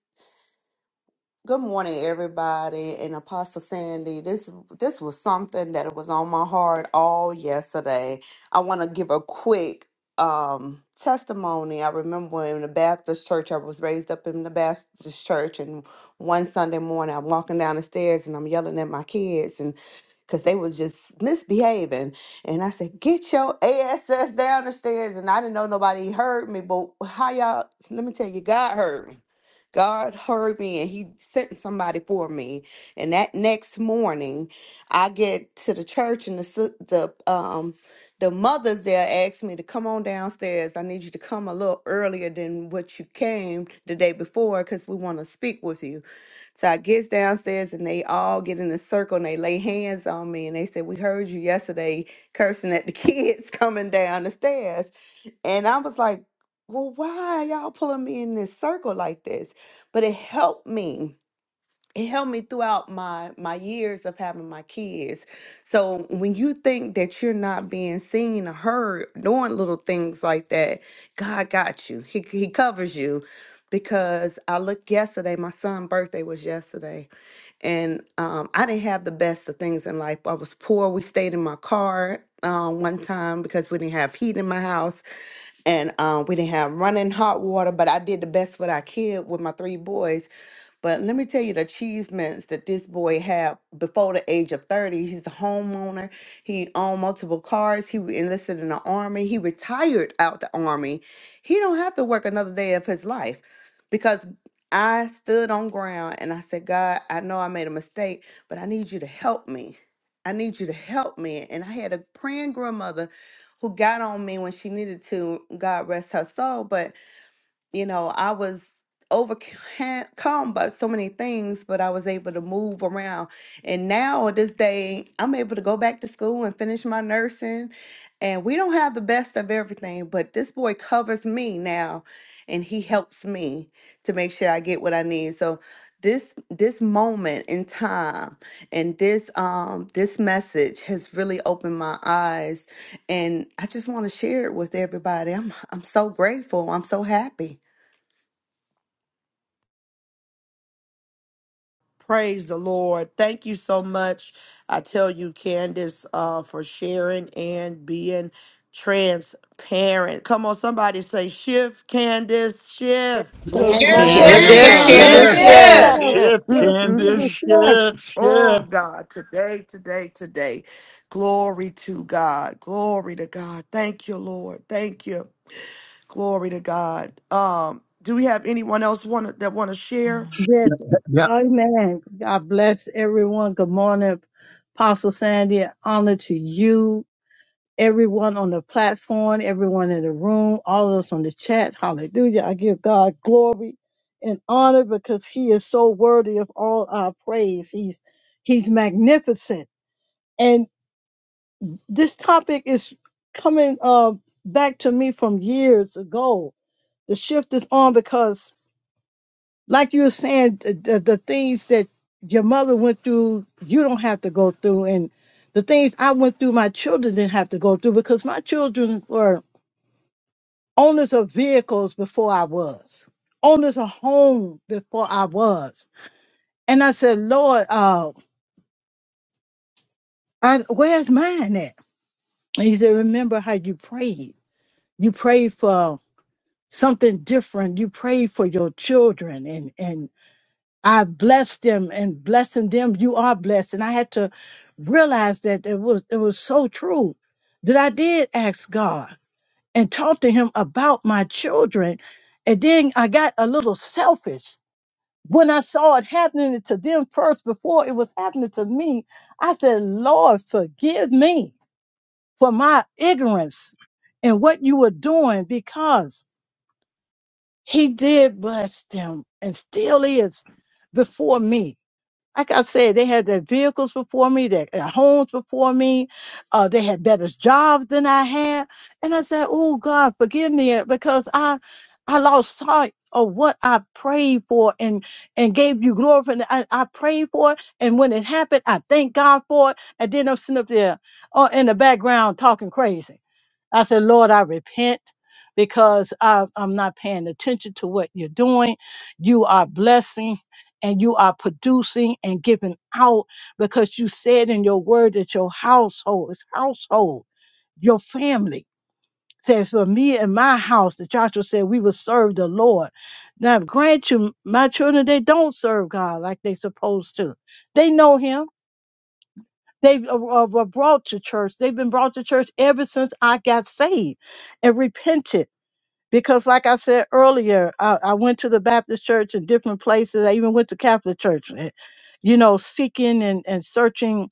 L: Good morning, everybody, and Apostle Sandy. This this was something that was on my heart all yesterday. I want to give a quick um, testimony. I remember when in the Baptist church. I was raised up in the Baptist church, and one Sunday morning, I'm walking down the stairs and I'm yelling at my kids, and because they was just misbehaving. And I said, get your ass down the stairs. And I didn't know nobody heard me, but how y'all, let me tell you, God heard me God heard me and he sent somebody for me. And that next morning, I get to the church and the sis- the um the mothers there asked me to come on downstairs. I need you to come a little earlier than what you came the day before cuz we want to speak with you. So I gets downstairs and they all get in a circle and they lay hands on me and they said, "We heard you yesterday cursing at the kids coming down the stairs." And I was like, well, why y'all pulling me in this circle like this? But it helped me. It helped me throughout my my years of having my kids. So when you think that you're not being seen or heard doing little things like that, God got you. He he covers you. Because I looked yesterday, my son's birthday was yesterday, and um, I didn't have the best of things in life. I was poor. We stayed in my car um, one time because we didn't have heat in my house and um, we didn't have running hot water. But I did the best what I could with my three boys but let me tell you the achievements that this boy had before the age of 30. He's a homeowner. He owned multiple cars. He re- enlisted in the army. He retired out the army. He don't have to work another day of his life because I stood on ground and I said, God, I know I made a mistake, but I need you to help me. I need you to help me. And I had a praying grandmother who got on me when she needed to, God rest her soul. But you know, I was overcome by so many things, but I was able to move around. And now, at this day, I'm able to go back to school and finish my nursing. And we don't have the best of everything, but this boy covers me now and he helps me to make sure I get what I need. So this this moment in time and this um this message has really opened my eyes and I just want to share it with everybody. I'm I'm so grateful. I'm so happy.
A: Praise the Lord. Thank you so much. I tell you, Candace, uh, for sharing and being transparent. Come on, somebody say, shift, Candace, shift.
G: Shift,
H: Shift,
K: Shift,
O: and
H: Karen.
A: Glory
N: Shift,
I: Shift,
A: to
B: shift,
G: Candace,
O: shift.
K: Candace,
M: Shift,
H: Shift.
A: God.
N: Candace,
I: shift,
B: Candace,
M: Candace,
G: shift,
K: shift.
I: Candace,
M: shift.
B: shift,
E: Chef.
N: shift.
I: shift.
G: shift,
A: Mm,
E: Chef
A: mm,
G: Candace,
E: Edna
A: mm.
E: Chef.
G: shift,
A: Oh,
G: shift.
A: God, today, today, today. Glory to God. Glory to God. Thank you, Lord. Thank you. Glory to God. Um, do we have anyone else want that want to share?
G: Yeah,
E: Yes.
G: yeah,
E: Amen. God bless everyone. Good morning, Apostle Sandy. Honor to you. everyone on the platform, everyone in the room, all of us on the chat. Hallelujah. I give God glory and honor because he is so worthy of all our praise. He's he's magnificent. And this topic is coming uh, back to me from years ago. The shift is on because like you were saying, the, the, the things that your mother went through, you don't have to go through. And the things I went through, my children didn't have to go through because my children were owners of vehicles before I was, owners of home before I was. And I said, Lord, uh, I, where's mine at? And he said, remember how you prayed. You prayed for something different. You prayed for your children and, and I blessed them and blessing them. You are blessed. And I had to realize that it was, it was so true that I did ask God and talk to him about my children. And then I got a little selfish when I saw it happening to them first before it was happening to me, I said, Lord, forgive me for my ignorance and what you were doing because he did bless them and still is before me like I said, they had their vehicles before me, their, their homes before me. Uh, they had better jobs than I had. And I said, Oh God, forgive me uh, because I, I lost sight of what I prayed for and, and gave you glory for. And I, I prayed for it. And when it happened, I thank God for it. And then I'm sitting up there uh, in the background talking crazy. I said, Lord, I repent because I, I'm not paying attention to what you're doing. You are blessing and you are producing and giving out because you said in your word that your household is household, your family. Says for me and my house, that Joshua said we will serve the Lord. Now, grant you, my children, they don't serve God like they supposed to. They know Him they uh, uh, were brought to church. They've been brought to church ever since I got saved and repented. Because, like I said earlier, I, I went to the Baptist church in different places. I even went to Catholic church, eh, you know, seeking and, and searching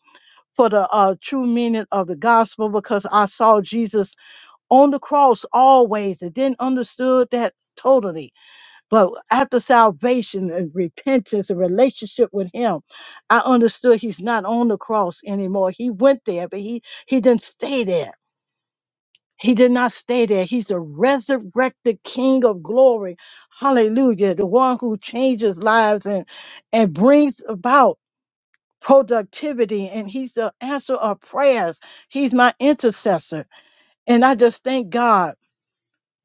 E: for the uh, true meaning of the gospel because I saw Jesus on the cross always and didn't understood that totally but after salvation and repentance and relationship with him, I understood he's not on the cross anymore. He went there, but he he didn't stay there. He did not stay there. He's a resurrected King of glory. Hallelujah. The one who changes lives and, and brings about productivity. And he's the answer of prayers. He's my intercessor. And I just thank God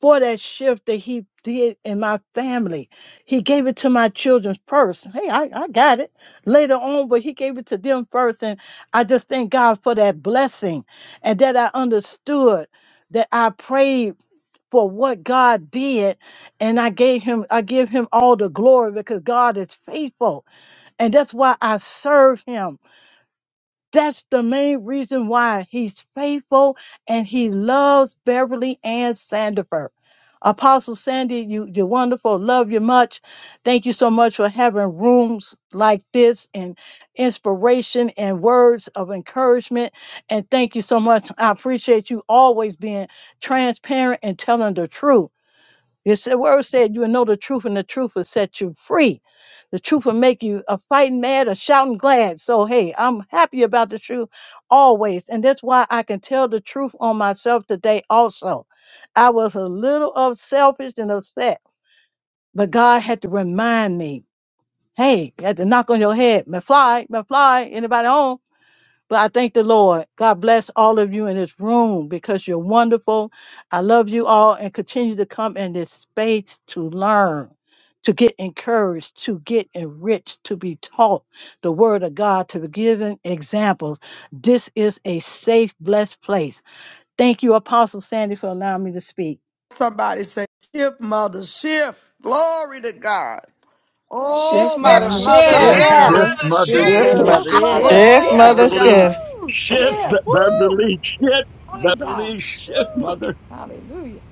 E: for that shift that he did in my family. He gave it to my children first. Hey, I, I got it later on, but he gave it to them first. And I just thank God for that blessing and that I understood that I prayed for what God did. And I gave him, I give him all the glory because God is faithful. And that's why I serve him. That's the main reason why he's faithful and he loves Beverly and Sandifer. Apostle Sandy, you, you're wonderful. Love you much. Thank you so much for having rooms like this and inspiration and words of encouragement. And thank you so much. I appreciate you always being transparent and telling the truth. Yes, the word said, You will know the truth, and the truth will set you free. The truth will make you a fighting mad, a shouting glad. So, hey, I'm happy about the truth always. And that's why I can tell the truth on myself today also. I was a little of selfish and upset, but God had to remind me, hey, you had to knock on your head, McFly, McFly, anybody home? But I thank the Lord. God bless all of you in this room because you're wonderful. I love you all and continue to come in this space to learn, to get encouraged, to get enriched, to be taught the word of God, to be given examples. This is a safe, blessed place. Thank you, Apostle Sandy, for allowing me to speak.
A: Somebody say, shift, mother, shift. Glory to God.
H: Shift,
N: Shift,
A: Oh,
N: mother,
B: shift,
A: Baba
H: Mama.
B: mother,
G: yeah,
H: Shift,
N: shift.
K: Shift,
A: Sanda.
G: shift,
H: Mother.
B: shift,
K: mother,
G: mother,
O: Shift
E: Mother,
I: Shift,
E: sister,
G: shift,
K: shift.
H: Shift.
O: mother
F: Shift,
I: mother,
O: shift.
F: mother,
I: shift.
M: Shift,
A: Glory
F: shift.
A: to
M: mother,
I: Glory.
G: Beverly,
A: God.
M: shift.
F: Woo,
G: shift,
F: shift.
A: Woo!
G: Beverly, shift,
F: Only God.
G: Beverly, shift,
F: Woo.
G: mother.
F: Hallelujah.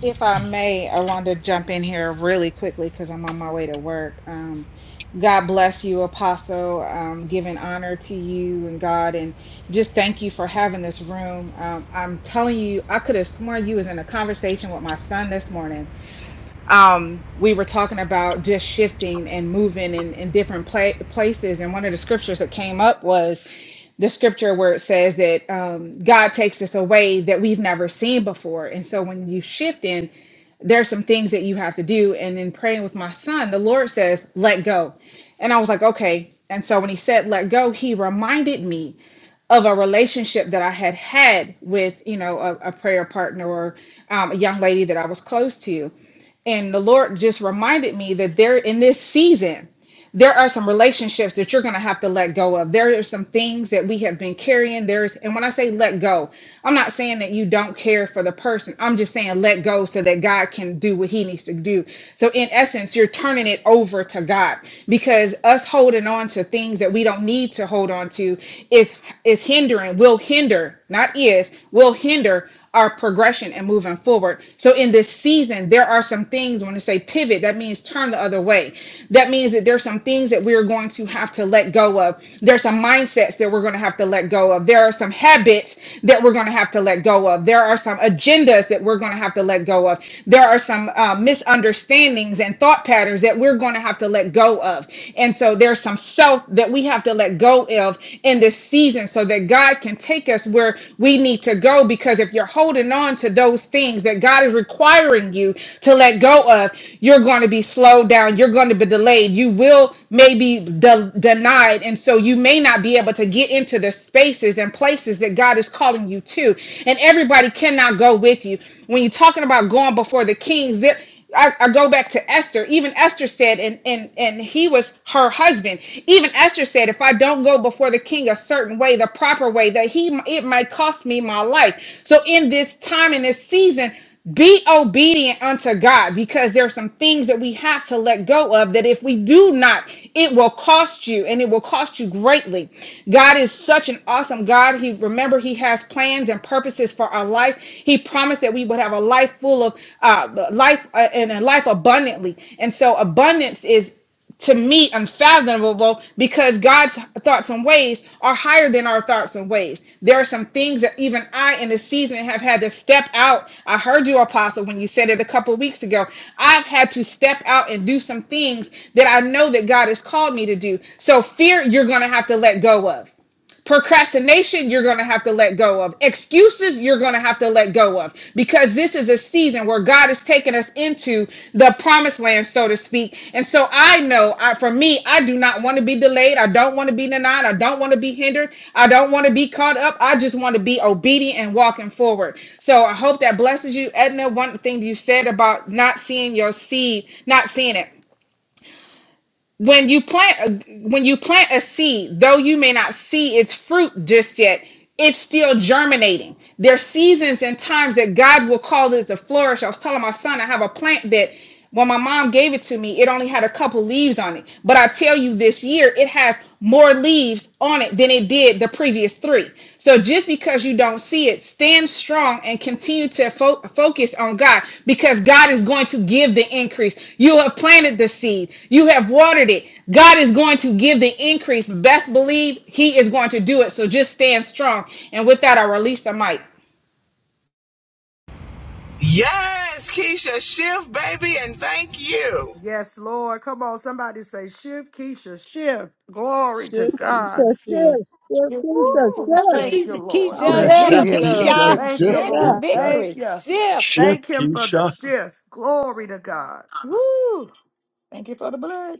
N: If I may, I want to jump in here really quickly because I'm on my way to work. Um, God bless you, Apostle. Um, giving honor to you and God, and just thank you for having this room. Um, I'm telling you, I could have sworn you was in a conversation with my son this morning um, we were talking about just shifting and moving in, in different pla- places. And one of the scriptures that came up was the scripture where it says that um, God takes us away that we've never seen before. And so when you shift in, there's some things that you have to do. And in praying with my son, the Lord says, let go. And I was like, okay. And so when he said, let go, he reminded me of a relationship that I had had with, you know, a, a prayer partner or um, a young lady that I was close to. And the Lord just reminded me that there in this season, there are some relationships that you're going to have to let go of. There are some things that we have been carrying. There's, and when I say let go, I'm not saying that you don't care for the person. I'm just saying let go so that God can do what he needs to do. So in essence, you're turning it over to God because us holding on to things that we don't need to hold on to is is hindering, will hinder, not is, will hinder our progression and moving forward. So in this season, there are some things when I say pivot, that means turn the other way. That means that there's some things that we're going to have to let go of. There's some mindsets that we're going to have to let go of. There are some habits that we're going to have to let go of. There are some agendas that we're going to have to let go of. There are some uh, misunderstandings and thought patterns that we're going to have to let go of. And so there's some self that we have to let go of in this season so that God God can take us where we need to go because if you're holding on to those things that God is requiring you to let go of, you're going to be slowed down. You're going to be delayed. You will maybe de- denied. And so you may not be able to get into the spaces and places that God is calling you to. And everybody cannot go with you. When you're talking about going before the kings, there. I, I go back to Esther. Even Esther said, and and and he was her husband. Even Esther said, if I don't go before the king a certain way, the proper way, that he it might cost me my life. So in this time, in this season, be obedient unto God because there are some things that we have have to let go of that if we do not, it will cost you and it will cost you greatly. God is such an awesome God. He remember He has plans and purposes for our life. He promised that we would have a life full of uh, life uh, and a life abundantly. And so abundance is to me unfathomable because God's thoughts and ways are higher than our thoughts and ways. There are some things that even I in this season have had to step out. I heard you, Apostle, when you said it a couple of weeks ago. I've had to step out and do some things that I know that God has called me to do. So fear you're gonna have to let go of. Procrastination, you're going to have to let go of. Excuses, you're going to have to let go of because this is a season where God is taking us into the promised land, so to speak. And so I know I, for me, I do not want to be delayed. I don't want to be denied. I don't want to be hindered. I don't want to be caught up. I just want to be obedient and walking forward. So I hope that blesses you. Edna, one thing you said about not seeing your seed, not seeing it when you plant a, when you plant a seed though you may not see its fruit just yet it's still germinating There are seasons and times that god will call this to flourish i was telling my son i have a plant that when my mom gave it to me it only had a couple leaves on it but i tell you this year it has more leaves on it than it did the previous three so just because you don't see it, stand strong and continue to fo- focus on God because God is going to give the increase. You have planted the seed, you have watered it. God is going to give the increase. Best believe He is going to do it. So just stand strong. And with that, I release the mic.
K: Yes, Keisha, shift, baby, and thank you.
A: Yes, Lord. Come on, somebody say, shift, Keisha, shift. Glory to
H: Shift, Keisha.
A: God.
E: sister,
H: Shift.
E: sister,
O: Shift
E: sister,
A: Woo!
O: people
E: sis.
F: Shift,
O: shift.
A: Thank you,
F: Keisha,
A: Lord.
F: Keisha,
G: Yeah,
B: shift,
G: shift,
F: shift,
I: Shift,
E: hallelujah, sister,
F: girl.
G: Keisha,
B: Keisha.
I: Keisha,
A: Thank
E: sister,
A: you,
G: shift,
I: shift.
F: Into
E: sis.
A: Lord.
G: Keisha.
A: Thank
F: victory.
A: you.
F: Shift.
G: Shit,
A: Thank Him for the
G: Keisha.
A: shift. Glory to God.
F: Woo. Thank you for the blood.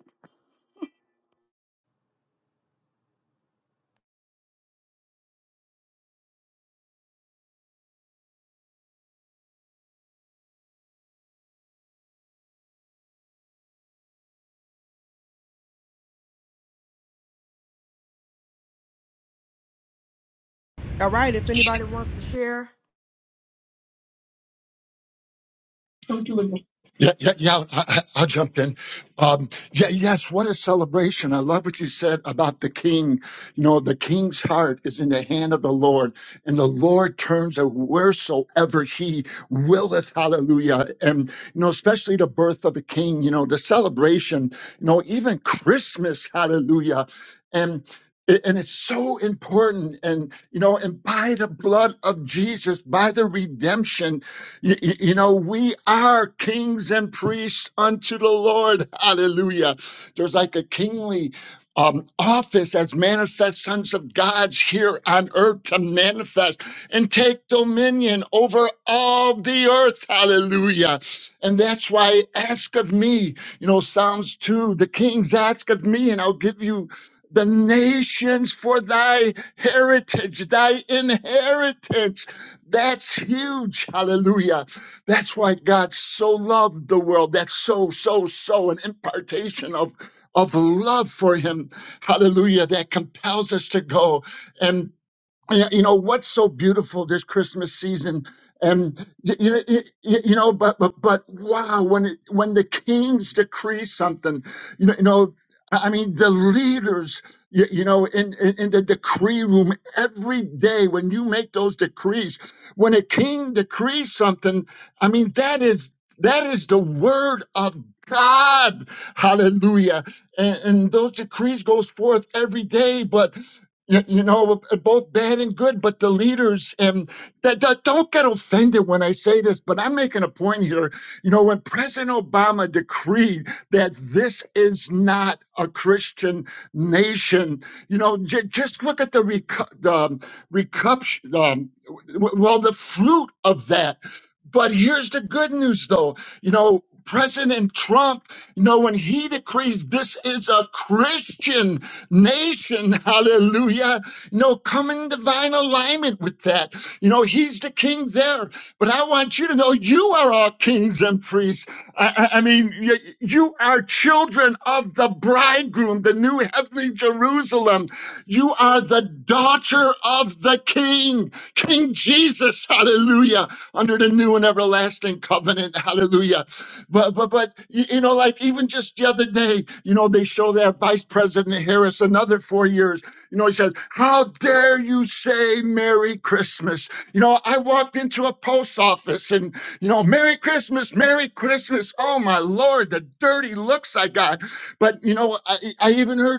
A: All right, if anybody wants to share,
G: Don't do it. Yeah, yeah, yeah. I, I- I'll jump in. Um, yeah, yes. What a celebration! I love what you said about the king. You know, the king's heart is in the hand of the Lord, and the Lord turns it wheresoever He willeth. Hallelujah! And you know, especially the birth of a king. You know, the celebration. You know, even Christmas. Hallelujah! And a- and it's so important and you know and by the blood of jesus by the redemption Y- y- You know, we are kings and priests unto the Lord. Hallelujah. There's like a kingly um, office as manifest sons of God's here on earth to manifest and take dominion over all the earth. Hallelujah. And that's why ask of me, you know, Psalms 2, the kings ask of me and I'll give you the nations for thy heritage, thy inheritance. That's huge. Hallelujah. That's why God so loved the world. That's so, so, so an impartation of of love for him. Hallelujah. That compels us to go. and you know, you know, what's so beautiful this Christmas season, and y- you know, y- y- you know, but but but wow, when it, when the kings decree something, you know, you know, I I mean, the leaders, you, you know, in, in in the decree room every day when you make those decrees, when a king decrees something, I mean, that is that is the word of God, Hallelujah, and, and those decrees goes forth every day, but you, you know, both bad and good, but the leaders and that, that don't get offended when I say this, but I'm making a point here. You know, when President Obama decreed that this is not a Christian nation, you know, j- just look at the recu- the um, recup- um, w- w- well, the fruit of that. But here's the good news, though. You know, President Trump, you know, when he decrees this is a Christian nation, hallelujah, you know, come in divine alignment with that. You know, he's the king there. But I want you to know you are all kings and priests. I, I, I mean, you, you are children of the bridegroom, the new heavenly Jerusalem. You are the daughter of the king, King Jesus, hallelujah under the new and everlasting covenant. Hallelujah. But, but, but, you you know, like even just the other day, you know, they show that Vice President Harris another four years. You know, he says, How dare you say Merry Christmas? You know, I walked into a post office and, you know, Merry Christmas, Merry Christmas. Oh my Lord, the dirty looks I got. But, you know, I, I even heard.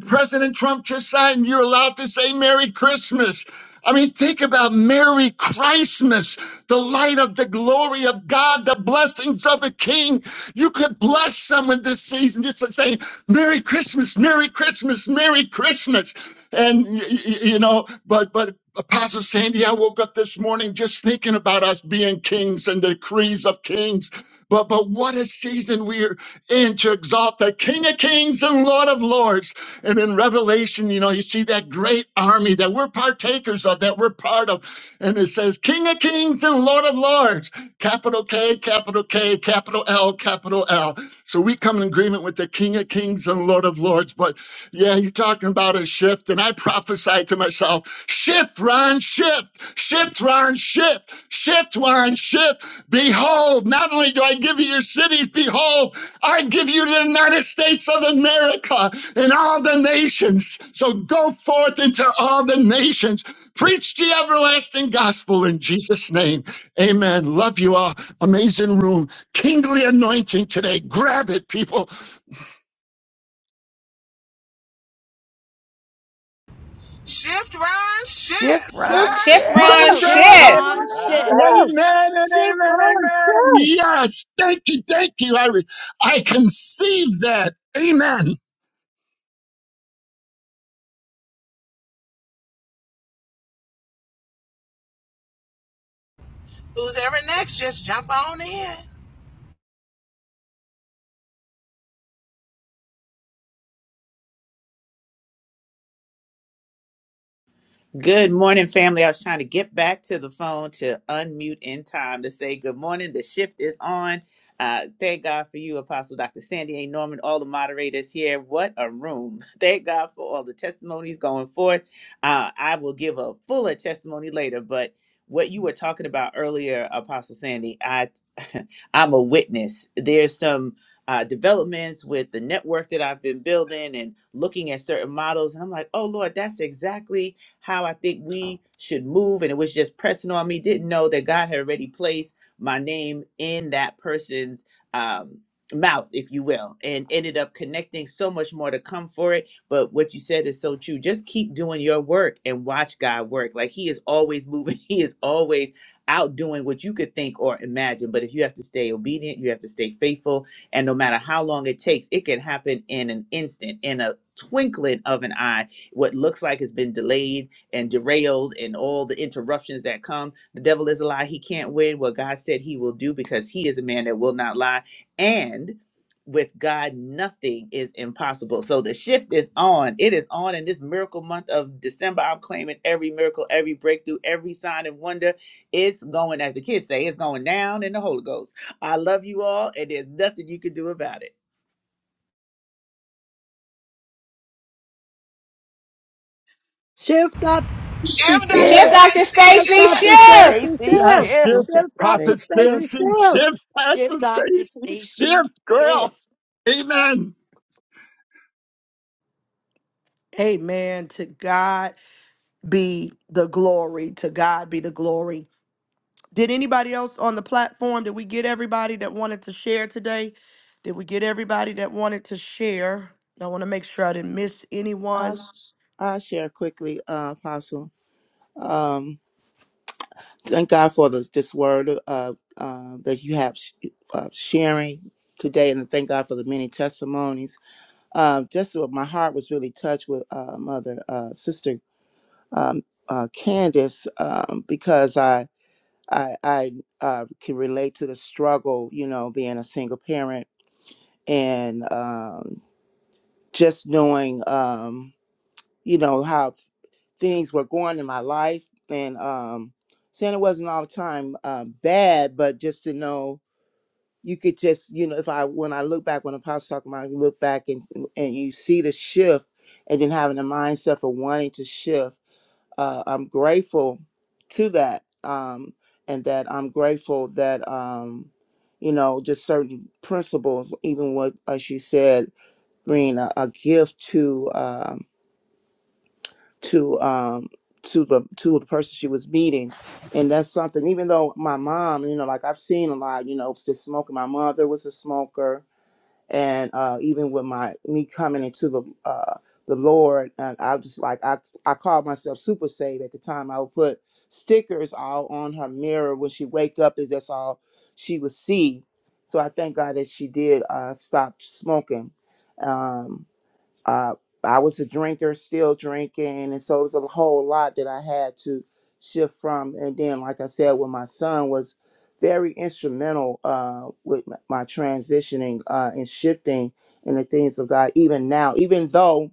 G: President Trump just signed, you're allowed to say Merry Christmas. I mean, think about Merry Christmas, the light of the glory of God, the blessings of a king. You could bless someone this season just to say, Merry Christmas, Merry Christmas, Merry Christmas. And, you know, but, but Apostle Sandy, I woke up this morning just thinking about us being kings and decrees of kings. But but what a season we're in to exalt the King of Kings and Lord of Lords. And in Revelation, you know, you see that great army that we're partakers of, that we're part of. And it says, King of Kings and Lord of Lords, capital K, capital K, capital L, L, capital L. So we come in agreement with the King of Kings and Lord of Lords. But yeah, you're talking about a shift. And I prophesied to myself, shift, Ron, shift, shift, Ron, shift, shift, Ron, shift. Behold, not only do I give you your cities, behold, I give you the United States of America and all the nations. So go forth into all the nations. Preach the everlasting gospel in Jesus' name. Amen. Love you all. Amazing room. Kingly anointing today. Grab it, people.
K: Shift, Ron,
I: Shift,
K: shift,
E: Shift
I: Ron,
K: sir.
N: Shift,
G: Run,
I: shift.
N: Ron,
E: myself.
O: Shift
E: Shift
I: Shift,
N: shift.
O: Ron shift.
I: Ron,
G: Amen
E: myself.
G: and
E: Shift
G: amen, amen.
E: myself.
G: Yes, thank you, thank you. I, I conceive that. Amen.
K: Who's ever next, just jump on in.
P: Good morning, family. I was trying to get back to the phone to unmute in time to say good morning. The shift is on. Uh, thank God for you, Apostle Dr. Sandy A. Norman, all the moderators here. What a room. Thank God for all the testimonies going forth. Uh, I will give a fuller testimony later, but what you were talking about earlier, Apostle Sandy, I, I'm a witness. There's some uh, developments with the network that I've been building and looking at certain models. And I'm like, oh, Lord, that's exactly how I think we should move. And it was just pressing on me. Didn't know that God had already placed my name in that person's um, mouth, if you will, and ended up connecting so much more to come for it. But what you said is so true. Just keep doing your work and watch God work. Like He is always moving, He is always outdoing what you could think or imagine. But if you have to stay obedient, you have to stay faithful. And no matter how long it takes, it can happen in an instant, in a twinkling of an eye. What looks like has been delayed and derailed and all the interruptions that come. The devil is a lie. He can't win what God said he will do because he is a man that will not lie. And with God, nothing is impossible. So the shift is on. It is on in this miracle month of December. I'm claiming every miracle, every breakthrough, every sign and wonder. It's going, as the kids say, it's going down in the Holy Ghost. I love you all, and there's nothing you can do about it.
E: Shift out the safety
K: Shift, Dr.
N: Shift,
E: self.
I: shift.
N: Dr.
K: Stacy,
E: Shift
N: Stacy,
E: out
K: shift.
E: the
I: Dr.
N: shift.
E: safety
I: Stacy,
E: self.
G: Yes,
I: shift.
H: Shift,
G: shift,
H: Dr.
E: Shift out
H: Faith.
E: the
G: prophet
E: safety
H: Shift,
G: Stacy,
H: Dr.
E: self.
G: shift, pastor
O: Shift Dr.
G: Stacy,
O: Stacy
G: shift, girl.
O: shift.
G: Amen.
A: amen. To God be the glory. To God be the glory. Did anybody else on the platform? Did we get everybody that wanted to share today? Did we get everybody that wanted to share? I want to make sure I didn't miss
H: I,
A: anyone.
H: I share quickly, uh, Apostle. Um, thank God for this, this word uh, uh, that you have sh- uh, sharing today, and thank God for the many testimonies. Uh, just what my heart was really touched with uh, Mother uh, Sister um, uh, Candace um, because I I, I uh, can relate to the struggle, you know, being a single parent and um, just knowing, um, you know, how things were going in my life and um, saying it wasn't all the time um, bad, but just to know you could just, you know, if I when I look back when Apostle's talking about, you look back and and you see the shift and then having the mindset for wanting to shift uh, I'm grateful to that, um, and that I'm grateful that um, you know just certain principles, even what as you said, being a, a gift to um, to um, to the to the person she was meeting, and that's something. Even though my mom, you know, like I've seen a lot, you know, just smoking. My mother was a smoker and uh, even with my me coming into the uh, the Lord, and I just like I I called myself super saved at the time. I would put stickers all on her mirror when she wake up, is that's all she would see. So I thank God that she did uh, stop smoking. Um, uh, I was a drinker, still drinking, and so it was a whole lot that I had to shift from. And then, like I said, when my son was very instrumental uh, with m- my transitioning uh, and shifting in the things of God, even now, even though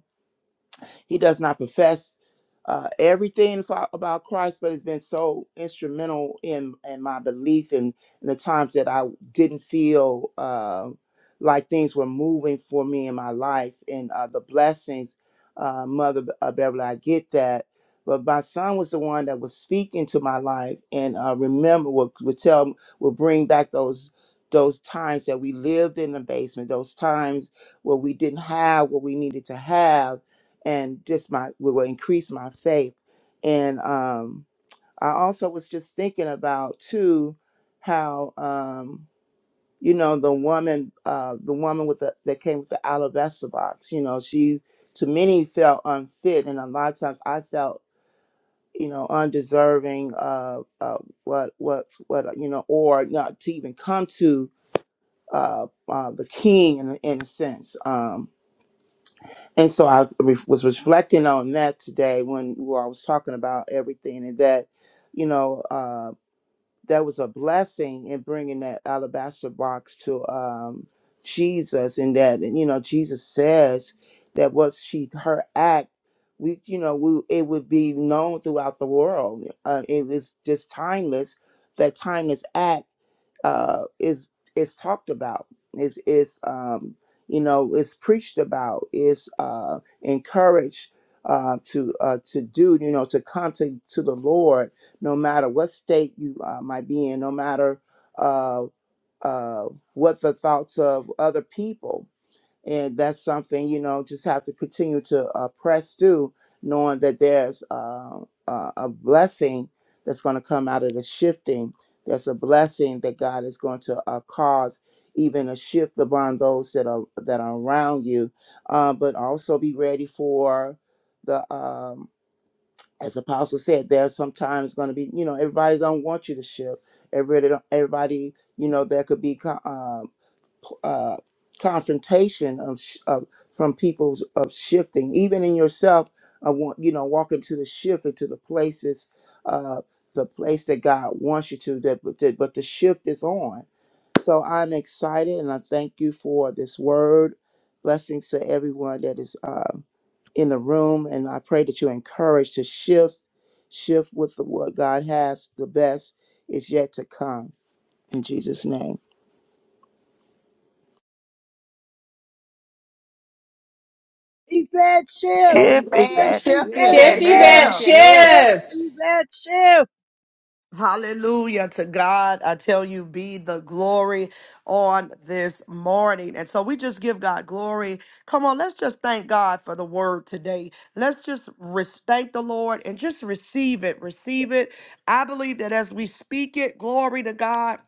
H: he does not profess uh, everything fo- about Christ, but has been so instrumental in, in my belief and in the times that I didn't feel uh, like things were moving for me in my life and uh, the blessings. Uh, Mother Be- uh, Beverly, I get that. But my son was the one that was speaking to my life and uh, remember would, would tell would bring back those those times that we lived in the basement, those times where we didn't have what we needed to have and just my will increase my faith. And um, I also was just thinking about too how um, you know the woman uh, the woman with the that came with the alabaster box. You know, she to many felt unfit, and a lot of times I felt you know undeserving of uh, what what what you know or not to even come to uh, uh, the king in, a- in a sense. Um, And so I re- was reflecting on that today when well, I was talking about everything and that, you know. uh, that was a blessing in bringing that alabaster box to um, Jesus, and that and, you know Jesus says that what she her act, we you know we it would be known throughout the world. Uh, it was just timeless. That timeless act uh, is is talked about, is is um, you know is preached about, is uh, encouraged uh, to uh, to do, you know, to come to, to the Lord no matter what state you uh, might be in, no matter uh, uh, what the thoughts of other people. And that's something, you know, just have to continue to uh, press through, knowing that there's uh, uh, a blessing that's going to come out of the shifting. There's a blessing that God is going to uh, cause even a shift upon those that are that are around you, uh, but also be ready for the um, as apostle said there's sometimes going to be you know everybody don't want you to shift everybody don't, everybody you know there could be co- um, p- uh, confrontation of, sh- of from people of shifting even in yourself i want you know walking to the shift into the places uh the place that god wants you to that but the, but the shift is on so i'm excited and i thank you for this word blessings to everyone that is um, in the room and i pray that you're encouraged to shift shift with the, what god has the best is yet to come in jesus name
E: Event shift.
I: Shift, if
L: Amen.
E: Shift
I: that
L: She'll be
I: shift.
E: event
N: Shift,
L: back.
O: Shift
L: she
O: that
E: shift.
N: Yvette,
A: Amen.
L: Hallelujah.
O: shift.
I: Shift.
E: Shift
N: shift.
E: event shift.
A: Hallelujah to God. I tell you, be the glory on this morning. And so we just give God glory. Come on, let's just thank God for the word today. Let's just re- thank the Lord and just receive it. Receive it. I believe that as we speak it, glory to God.